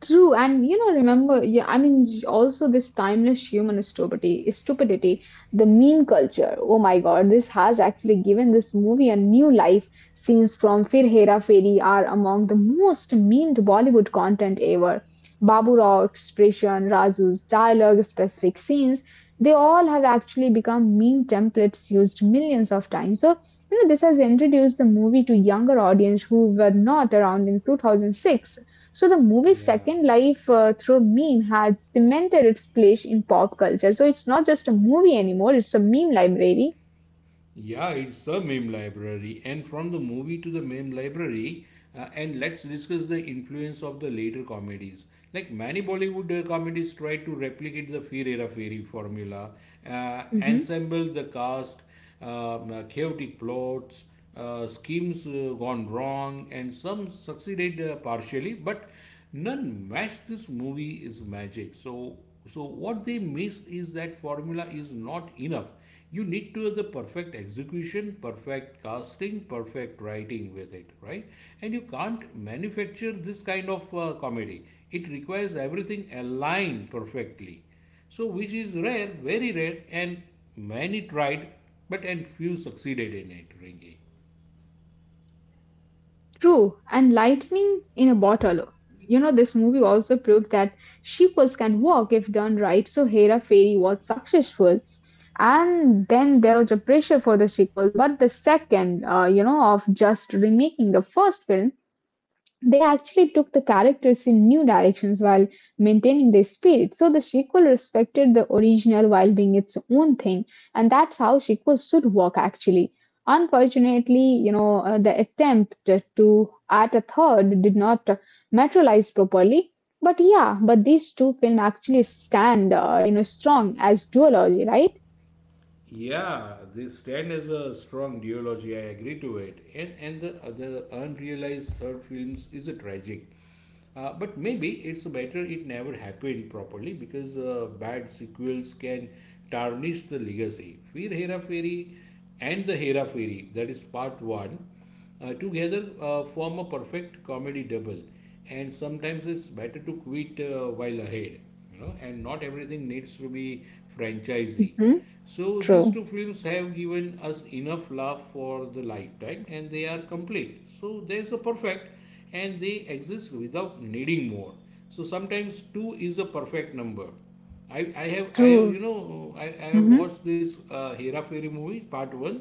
Speaker 1: true, and you know, remember, yeah, I mean, also this timeless human stupidity, stupidity, the meme culture. Oh my God, this has actually given this movie a new life. Scenes from Fir Hera Feri are among the most memed Bollywood content ever. Babu Rao expression, Raju's dialogue, specific scenes, they all have actually become meme templates used millions of times. So, you know, this has introduced the movie to younger audience who were not around in 2006, so the movie's second life through meme had cemented its place in pop culture. So it's not just a movie anymore, it's a meme library.
Speaker 2: Yeah, it's a meme library, and from the movie to the meme library, and let's discuss the influence of the later comedies. Like many Bollywood comedies tried to replicate the Fear Era Fairy formula,
Speaker 1: Hmm.
Speaker 2: ensemble the cast, chaotic plots, schemes gone wrong, and some succeeded partially, but none matched this movie is magic. So, so what they missed is that formula is not enough. You need to have the perfect execution, perfect casting, perfect writing with it, right? And you can't manufacture this kind of comedy. It requires everything aligned perfectly, so which is rare, very rare, and many tried, but and few succeeded in it, ringy.
Speaker 1: True, and lightning in a bottle. You know, this movie also proved that sequels can work if done right. So Hera Fairy was successful, and then there was a pressure for the sequel. But the second, you know, of just remaking the first film, they actually took the characters in new directions while maintaining their spirit. So the sequel respected the original while being its own thing, and that's how sequels should work actually. Unfortunately, you know, the attempt to add a third did not materialize properly. But yeah, but these two films actually stand, you know, strong as duology, right?
Speaker 2: Yeah, they stand as a strong duology. I agree to it. And the other unrealized third films is a tragic. But maybe it's better it never happened properly because bad sequels can tarnish the legacy. Fir Hera Fairy and the Hera Fairy, that is part one, together form a perfect comedy double. And sometimes it's better to quit while ahead, you know, and not everything needs to be franchisee.
Speaker 1: Hmm.
Speaker 2: So these
Speaker 1: True.
Speaker 2: two films have given us enough laugh for the lifetime and they are complete. So there's a perfect and they exist without needing more. So sometimes two is a perfect number. I have
Speaker 1: True.
Speaker 2: you know I have
Speaker 1: Mm-hmm.
Speaker 2: watched this Hera Fairy movie part one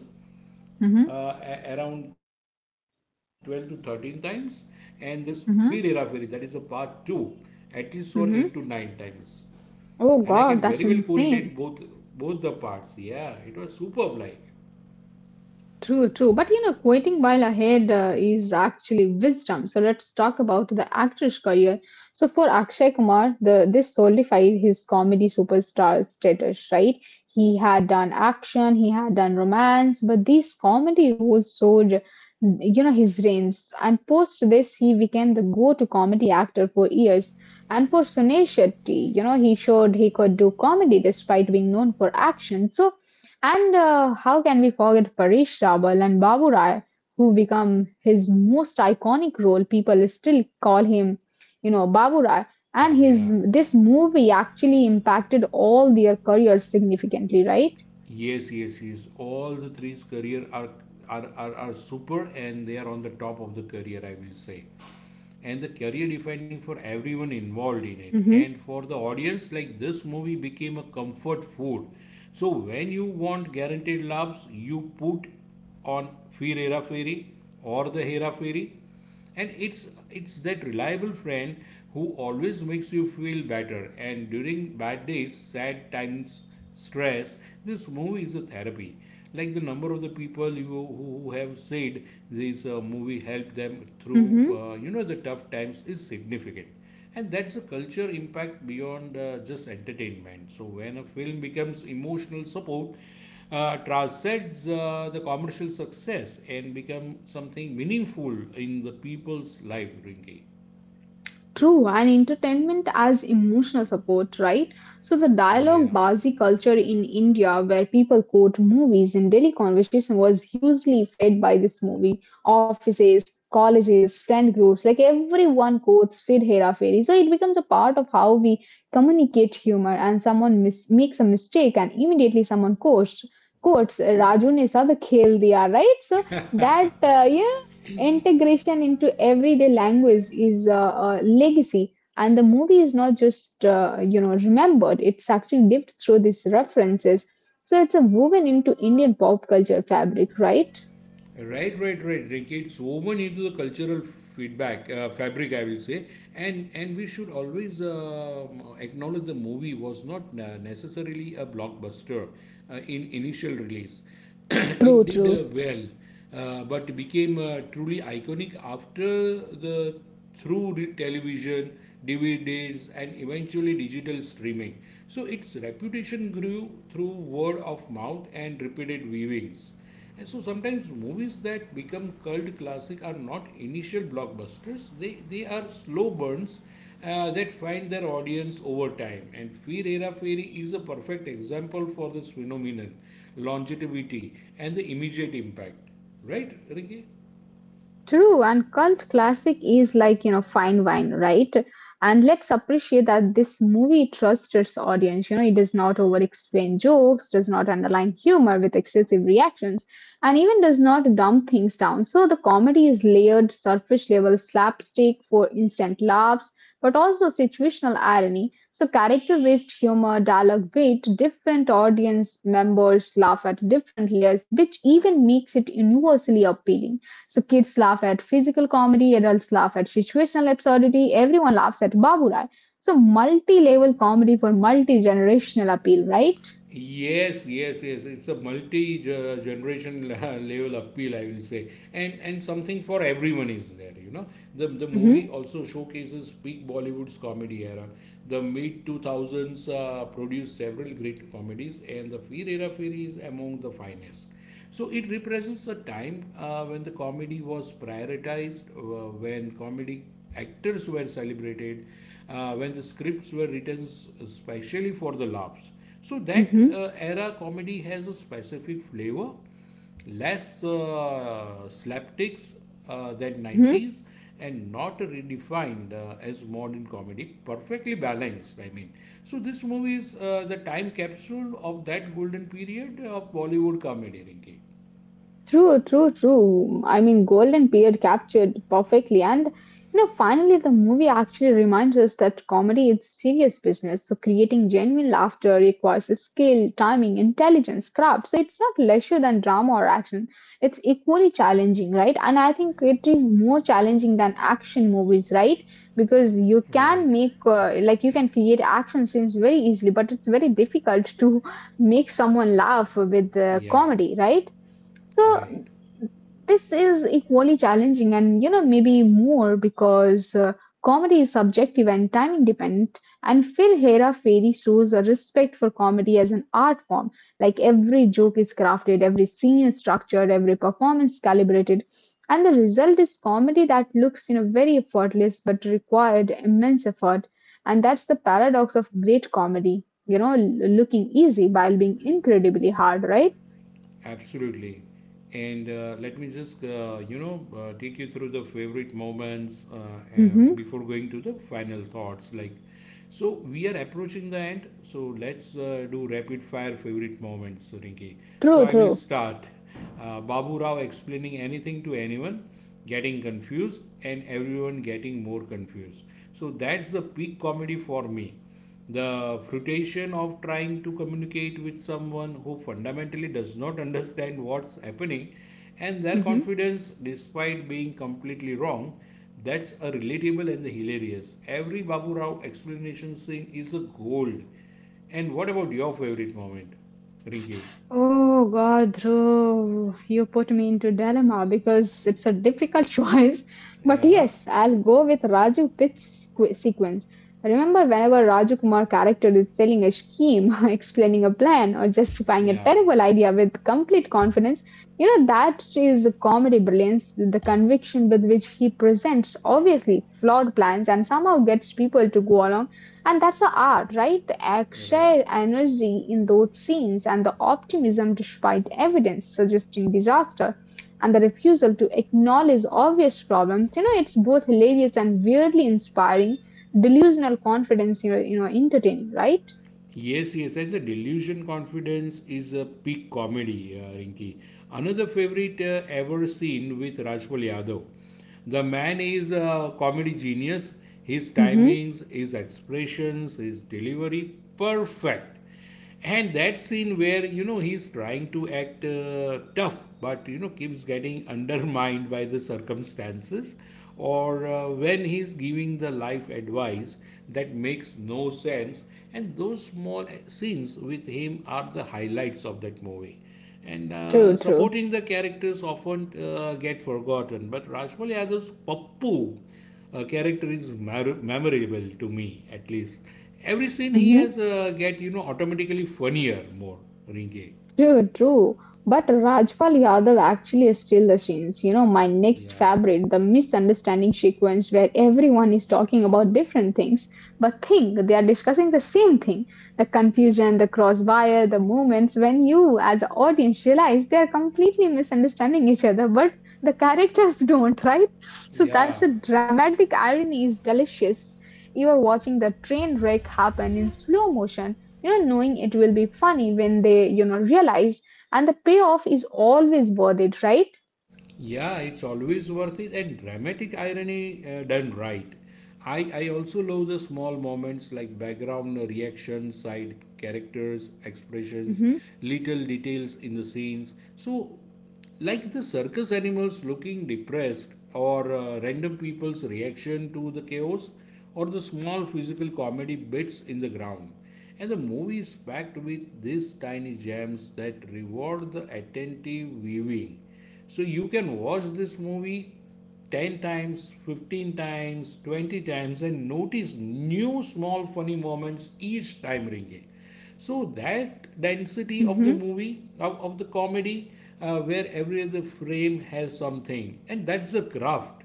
Speaker 1: Mm-hmm.
Speaker 2: around 12 to 13 times, and this Fir Hera Fairy that is a
Speaker 1: Mm-hmm.
Speaker 2: part two at least for 8 to 9 times,
Speaker 1: Mm-hmm.
Speaker 2: and I can very well
Speaker 1: Oh God,
Speaker 2: correlate
Speaker 1: that's
Speaker 2: both,
Speaker 1: insane.
Speaker 2: both the parts. Yeah, it was superb. Like
Speaker 1: True, true. But you know, quitting while ahead is actually wisdom. So let's talk about the actor's career. So for Akshay Kumar, the this solidified his comedy superstar status, right? He had done action, he had done romance, but these comedy roles showed, you know, his range. And post this, he became the go-to comedy actor for years. And for Sunil Shetty, you know, he showed he could do comedy despite being known for action. So and how can we forget Paresh Rawal and Babu Rai, who become his most iconic role? People still call him, you know, Babu Rai. And
Speaker 2: wow,
Speaker 1: his
Speaker 2: yeah,
Speaker 1: this movie actually impacted all their careers significantly, right?
Speaker 2: yes, yes, yes. All the three's career are are super, and they are on the top of the career, I will say. And the career defining for everyone involved in it,
Speaker 1: Mm-hmm.
Speaker 2: and for the audience like this movie became a comfort food. So when you want guaranteed laughs you put on Fear Hera Fairy or the Hera Fairy, and it's that reliable friend who always makes you feel better, and during bad days, sad times, stress, this movie is a therapy. Like the number of the people you who have said this movie helped them through you know the tough times is significant, and that's a culture impact beyond just entertainment. So when a film becomes emotional support, transcends the commercial success and become something meaningful in the people's life drinking.
Speaker 1: True, and entertainment as emotional support, right? So the dialogue bazi culture in India, where people quote movies in daily conversation, was hugely fed by this movie. Offices, colleges, friend groups, like everyone quotes Fir Hera Fairy. So it becomes a part of how we communicate humor. And someone makes a mistake, and immediately someone quotes, quotes Raju ne sab khel diya, right? So that integration into everyday language is a legacy, and the movie is not just, you know, remembered, it's actually lived through these references. So it's a woven into Indian pop culture fabric, right?
Speaker 2: Right, right, right. Rinki, it's woven into the cultural feedback fabric, I will say, and we should always acknowledge the movie was not necessarily a blockbuster in initial release.
Speaker 1: True,
Speaker 2: It did,
Speaker 1: true.
Speaker 2: well, but became truly iconic after the through the television, DVDs, and eventually digital streaming. So its reputation grew through word of mouth and repeated viewings. And so sometimes movies that become cult classic are not initial blockbusters. They are slow burns that find their audience over time. And Fear Hera Fairy is a perfect example for this phenomenon, longevity and the immediate impact. Right, Ricky?
Speaker 1: True, and cult classic is like, you know, fine wine, right? And let's appreciate that this movie trusts its audience. You know, it does not over explain jokes, does not underline humor with excessive reactions, and even does not dumb things down. So the comedy is layered, surface level slapstick for instant laughs, but also situational irony. So character based humor, dialogue weight, different audience members laugh at different layers, which even makes it universally appealing. So kids laugh at physical comedy, adults laugh at situational absurdity, everyone laughs at Baburai. So multi-level comedy for multi-generational appeal, right?
Speaker 2: Yes, yes, yes. It's a multi-generation level appeal, I will say, and something for everyone is there. You know, the
Speaker 1: Mm-hmm,
Speaker 2: movie also showcases peak Bollywood's comedy era. The mid two thousands produced several great comedies, and the Fir Hera Feri is among the finest. So it represents a time when the comedy was prioritized, when comedy actors were celebrated, when the scripts were written especially for the laughs. So that
Speaker 1: mm-hmm,
Speaker 2: era comedy has a specific flavor, less slapsticks than 90s,
Speaker 1: mm-hmm.
Speaker 2: and not redefined as modern comedy, perfectly balanced, I mean. So this movie is the time capsule of that golden period of Bollywood comedy, Rinki.
Speaker 1: True, true, true. I mean, Golden Period captured perfectly. And, you know, finally, the movie actually reminds us that comedy is serious business. So, creating genuine laughter requires skill, timing, intelligence, craft. So, it's not lesser than drama or action. It's equally challenging, right? And I think it is more challenging than action movies, right? Because you
Speaker 2: Right.
Speaker 1: can make, like, you can create action scenes very easily, but it's very difficult to make someone laugh with
Speaker 2: Yeah,
Speaker 1: comedy, right?
Speaker 2: right.
Speaker 1: So this is equally challenging, and you know maybe more because comedy is subjective and time independent, and Phil Hera Fairy shows a respect for comedy as an art form. Like every joke is crafted, every scene is structured, every performance calibrated, and the result is comedy that looks, you know, very effortless but required immense effort. And that's the paradox of great comedy, you know, looking easy while being incredibly hard, right?
Speaker 2: Absolutely. And let me just, you know, take you through the favorite moments
Speaker 1: Mm-hmm.
Speaker 2: before going to the final thoughts. Like, so we are approaching the end. So let's do rapid fire favorite moments, Rinki. So
Speaker 1: True,
Speaker 2: I will
Speaker 1: true.
Speaker 2: start. Babu Rao explaining anything to anyone, getting confused, and everyone getting more confused. So that's the peak comedy for me, the frustration of trying to communicate with someone who fundamentally does not understand what's happening, and their
Speaker 1: Hmm.
Speaker 2: confidence despite being completely wrong. That's a relatable and hilarious, every Babu Rao explanation scene is a gold. And what about your favorite moment, Rinki?
Speaker 1: Oh God, Dhruv, you put me into dilemma because it's a difficult choice. But
Speaker 2: Yeah,
Speaker 1: yes, I'll go with Raju pitch sequence. Remember, whenever Raju Kumar character is selling a scheme, explaining a plan, or justifying a
Speaker 2: yeah,
Speaker 1: terrible idea with complete confidence, you know that is the comedy brilliance. The conviction with which he presents obviously flawed plans and somehow gets people to go along. And that's the art, right? The
Speaker 2: you're right.
Speaker 1: extra energy in those scenes and the optimism despite evidence suggesting disaster and the refusal to acknowledge obvious problems. You know, it's both hilarious and weirdly inspiring, delusional confidence, you know entertaining, right?
Speaker 2: Yes, yes, and the delusion confidence is a peak comedy, Rinki. Another favorite ever seen with Rajpal Yadav. The man is a comedy genius. His
Speaker 1: Hmm.
Speaker 2: timings, his expressions, his delivery, perfect. And that scene where you know he's trying to act tough but you know keeps getting undermined by the circumstances, or when he's giving the life advice that makes no sense, and those small scenes with him are the highlights of that movie. And
Speaker 1: True, true.
Speaker 2: sometimes the characters often get forgotten, but Rajmal Yadav's Pappu character is memorable to me, at least. Every scene he has
Speaker 1: Mm-hmm.
Speaker 2: get you know automatically funnier, more, Ringe.
Speaker 1: True, true. But Rajpal Yadav actually stole the scenes. You know, my next
Speaker 2: Yeah.
Speaker 1: favorite, the misunderstanding sequence where everyone is talking about different things, but think they are discussing the same thing. The confusion, the crossfire, the moments when you, as an audience, realize they are completely misunderstanding each other, but the characters don't, right? So that's
Speaker 2: Yeah.
Speaker 1: a dramatic irony is delicious. You are watching the train wreck happen in slow motion, you know, knowing it will be funny when they, you know, realize, and the payoff is always worth it, right?
Speaker 2: Yeah, it's always worth it, and dramatic irony done right. I also love the small moments like background reactions, side characters, expressions,
Speaker 1: Mm-hmm.
Speaker 2: little details in the scenes. So, like the circus animals looking depressed, or random people's reaction to the chaos, or the small physical comedy bits in the ground. And the movie is packed with these tiny gems that reward the attentive viewing. So you can watch this movie 10 times, 15 times, 20 times and notice new small funny moments each time, Ringe. So that density of
Speaker 1: Mm-hmm.
Speaker 2: of the comedy where every other frame has something, and that's the craft.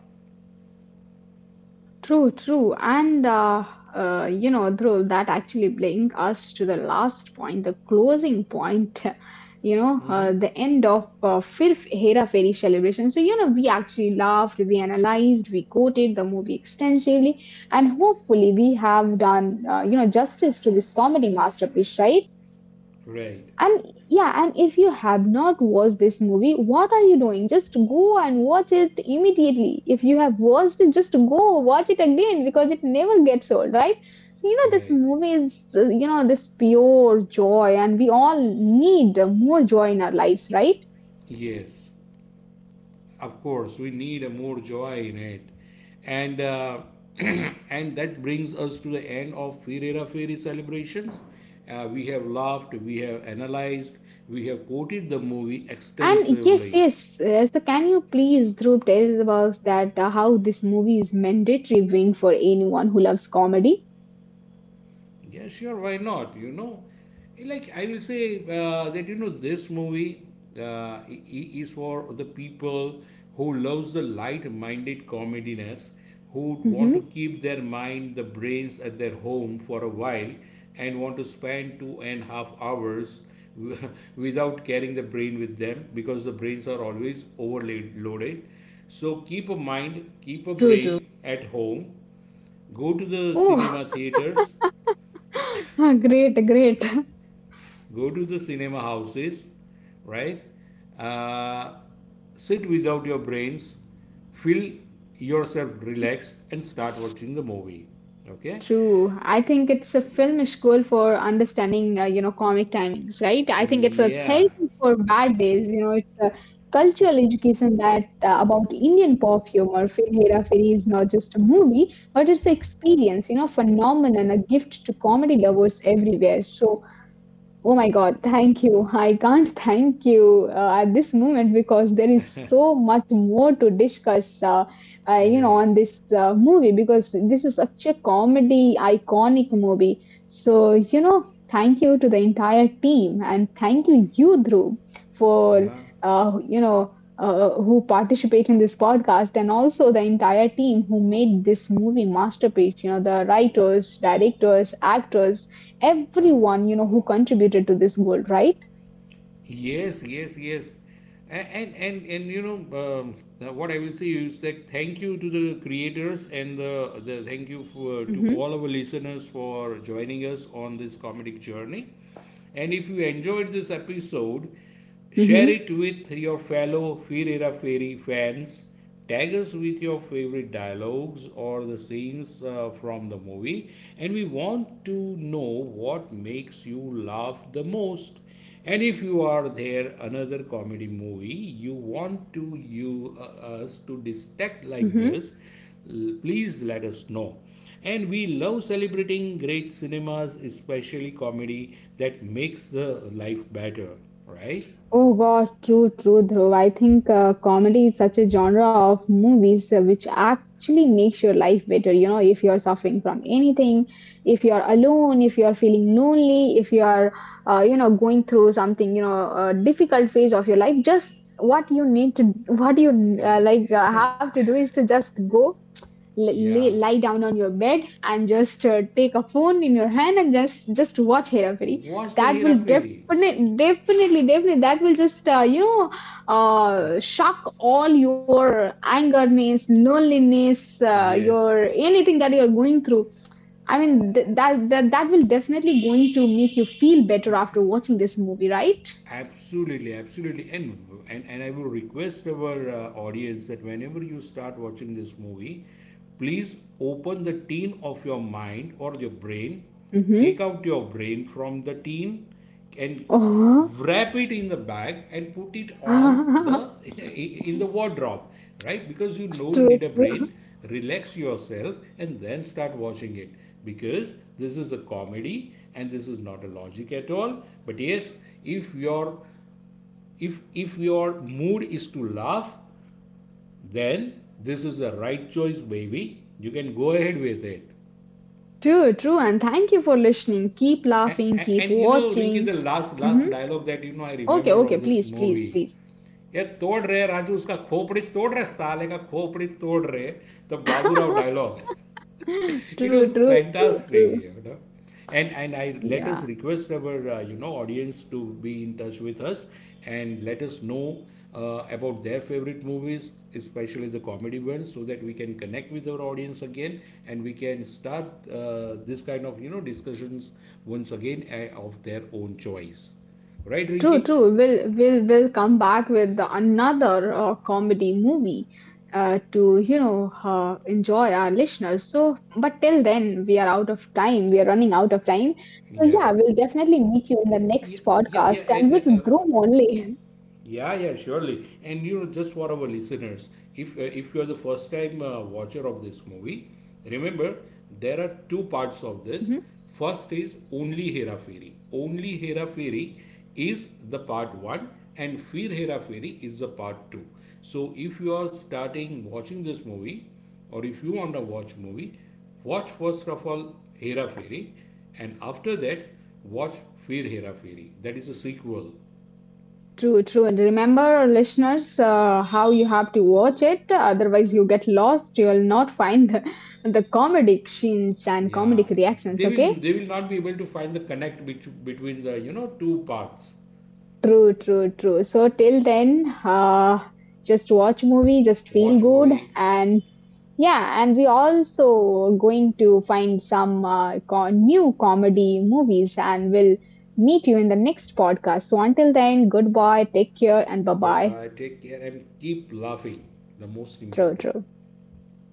Speaker 1: True, true. And, you know, Dhruv, that actually brings us to the last point, the closing point, you know,
Speaker 2: Mhm.
Speaker 1: the end of fifth Hera Fairy celebration. So, you know, we actually laughed, we analyzed, we quoted the movie extensively, and hopefully we have done, you know, justice to this comedy masterpiece, right?
Speaker 2: Right,
Speaker 1: And yeah, and if you have not watched this movie, what are you doing? Just go and watch it immediately. If you have watched it, just go watch it again because it never gets old, right? So, you know, this
Speaker 2: right.
Speaker 1: movie is, you know, this pure joy, and we all need more joy in our lives, right?
Speaker 2: Yes. Of course we need a more joy in it. And and that brings us to the end of Ferreira Fairy celebrations. We have laughed, we have analyzed, we have quoted the movie
Speaker 1: And yes,
Speaker 2: extensively.
Speaker 1: yes. So, can you please, Dhruv, tell us about that how this movie is mandatory wing for anyone who loves comedy?
Speaker 2: Yeah, sure, why not? You know, like I will say that you know this movie is for the people who loves the light-minded comediness, who want
Speaker 1: Mm-hmm.
Speaker 2: to keep their mind, the brains at their home for a while, and want to spend 2.5 hours w- without carrying the brain with them because the brains are always overloaded. So keep a mind, keep a
Speaker 1: True,
Speaker 2: brain
Speaker 1: true.
Speaker 2: at home, go to the
Speaker 1: Oh,
Speaker 2: cinema theaters,
Speaker 1: great, great.
Speaker 2: go to the cinema houses, right? Uh, Sit without your brains, feel yourself relaxed, and start watching the movie. Okay?
Speaker 1: True. I think it's a filmish goal for understanding, you know, comic timings, right? I think it's a
Speaker 2: Yeah,
Speaker 1: therapy for bad days. You know, it's a cultural education that about Indian pop humor. Fir Hera Feri is not just a movie, but it's an experience, you know, phenomenon, a gift to comedy lovers everywhere. So oh my God, thank you. I can't thank you at this moment because there is so much more to discuss, you know,
Speaker 2: right.
Speaker 1: on this movie because this is such a comedy iconic movie. So, you know, thank you to the entire team and thank you, you, Dhruv, for, you know, who participate in this podcast, and also the entire team who made this movie masterpiece, you know, the writers, directors, actors, everyone, you know, who contributed to this goal, right?
Speaker 2: Yes, yes, yes. And you know what I will say is that thank you to the creators, and the thank you for, to
Speaker 1: Mm-hmm,
Speaker 2: all our listeners for joining us on this comedic journey. And if you enjoyed this episode, share
Speaker 1: mm-hmm,
Speaker 2: it with your fellow Ferreira Ferry fans. Tag us with your favorite dialogues or the scenes from the movie, and we want to know what makes you laugh the most. And if you are there, another comedy movie you want to you us to dissect like
Speaker 1: mm-hmm.
Speaker 2: please let us know. And we love celebrating great cinemas, especially comedy that makes the life better, right?
Speaker 1: Oh gosh, true, true, Dhruv. I think comedy is such a genre of movies which actually makes your life better, you know, if you're suffering from anything, if you're alone, if you're feeling lonely, if you're you know going through something, you know, a difficult phase of your life, just what you need to, what you, have to do is to just go
Speaker 2: Yeah,
Speaker 1: lie down on your bed and just take a phone in your hand and just watch Hera Fairy.
Speaker 2: of the
Speaker 1: That will
Speaker 2: interfering.
Speaker 1: definitely, definitely, definitely, that will just, you know, shock all your angerness, loneliness,
Speaker 2: Yes,
Speaker 1: your anything that you're going through. I mean, that will definitely going to make you feel better after watching this movie, right?
Speaker 2: absolutely, absolutely. And I will request our audience that whenever you start watching this movie, please open the tin of your mind or your brain,
Speaker 1: Mm-hmm.
Speaker 2: take out your brain from the tin, and
Speaker 1: Oh.
Speaker 2: wrap it in the bag and put it on the in the wardrobe, right? Because you don't
Speaker 1: True.
Speaker 2: need a brain. Relax yourself and then start watching it, because this is a comedy and this is not a logic at all. But yes, if your if your mood is to laugh, then this is the right choice, baby, you can go ahead with it.
Speaker 1: True, true, and thank you for listening. Keep laughing,
Speaker 2: and,
Speaker 1: keep
Speaker 2: and you know Rinki,
Speaker 1: watching.
Speaker 2: the last last
Speaker 1: Mm-hmm.
Speaker 2: dialogue that you know I
Speaker 1: Okay,
Speaker 2: remember of
Speaker 1: okay,
Speaker 2: this
Speaker 1: please, please,
Speaker 2: movie,
Speaker 1: please.
Speaker 2: ये तोड़ रहे राजू, उसका खोपड़ी तोड़ रहे, साले का खोपड़ी तोड़ रहे, तो Baburao dialogue. It was
Speaker 1: True, true, true,
Speaker 2: fantastic,
Speaker 1: true.
Speaker 2: you know. And I let us
Speaker 1: Yeah.
Speaker 2: request our you know audience to be in touch with us, and let us know about their favorite movies, especially the comedy ones, so that we can connect with our audience again, and we can start this kind of you know discussions once again of their own choice, right,
Speaker 1: True,
Speaker 2: Rinky?
Speaker 1: true. We'll come back with another comedy movie to you know enjoy our listeners. So, but till then, we are out of time. We are running out of time. So
Speaker 2: Yeah.
Speaker 1: yeah, we'll definitely meet you in the next
Speaker 2: Yeah, yeah,
Speaker 1: podcast and with
Speaker 2: and
Speaker 1: Dhrum only.
Speaker 2: Yeah, yeah, surely. And you know, just for our listeners, if you are the first time watcher of this movie,
Speaker 1: Mhm.
Speaker 2: remember there are two parts of this. First is only Hera Fairy. Only Hera Fairy is the part one, and Fir Hera Fairy is the part two. So if you are starting watching this movie, or if you want to watch movie, watch first of all Hera Fairy, and after that watch Fir Hera Fairy. That is a sequel.
Speaker 1: True, true. And remember, listeners, how you have to watch it. Otherwise, you get lost. You will not find the comedic scenes and
Speaker 2: Yeah,
Speaker 1: comedic reactions. Okay.
Speaker 2: they will not be able to find the connect bet between the you know two parts.
Speaker 1: True, true, true. So till then, just watch movie, just feel
Speaker 2: Wash my-
Speaker 1: good, and yeah. And we also going to find some new comedy movies, and we'll meet you in the next podcast. So until then, goodbye, take care, and bye bye.
Speaker 2: I take care and keep laughing. The most
Speaker 1: True,
Speaker 2: important.
Speaker 1: true.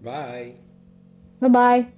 Speaker 2: Bye.
Speaker 1: Bye bye.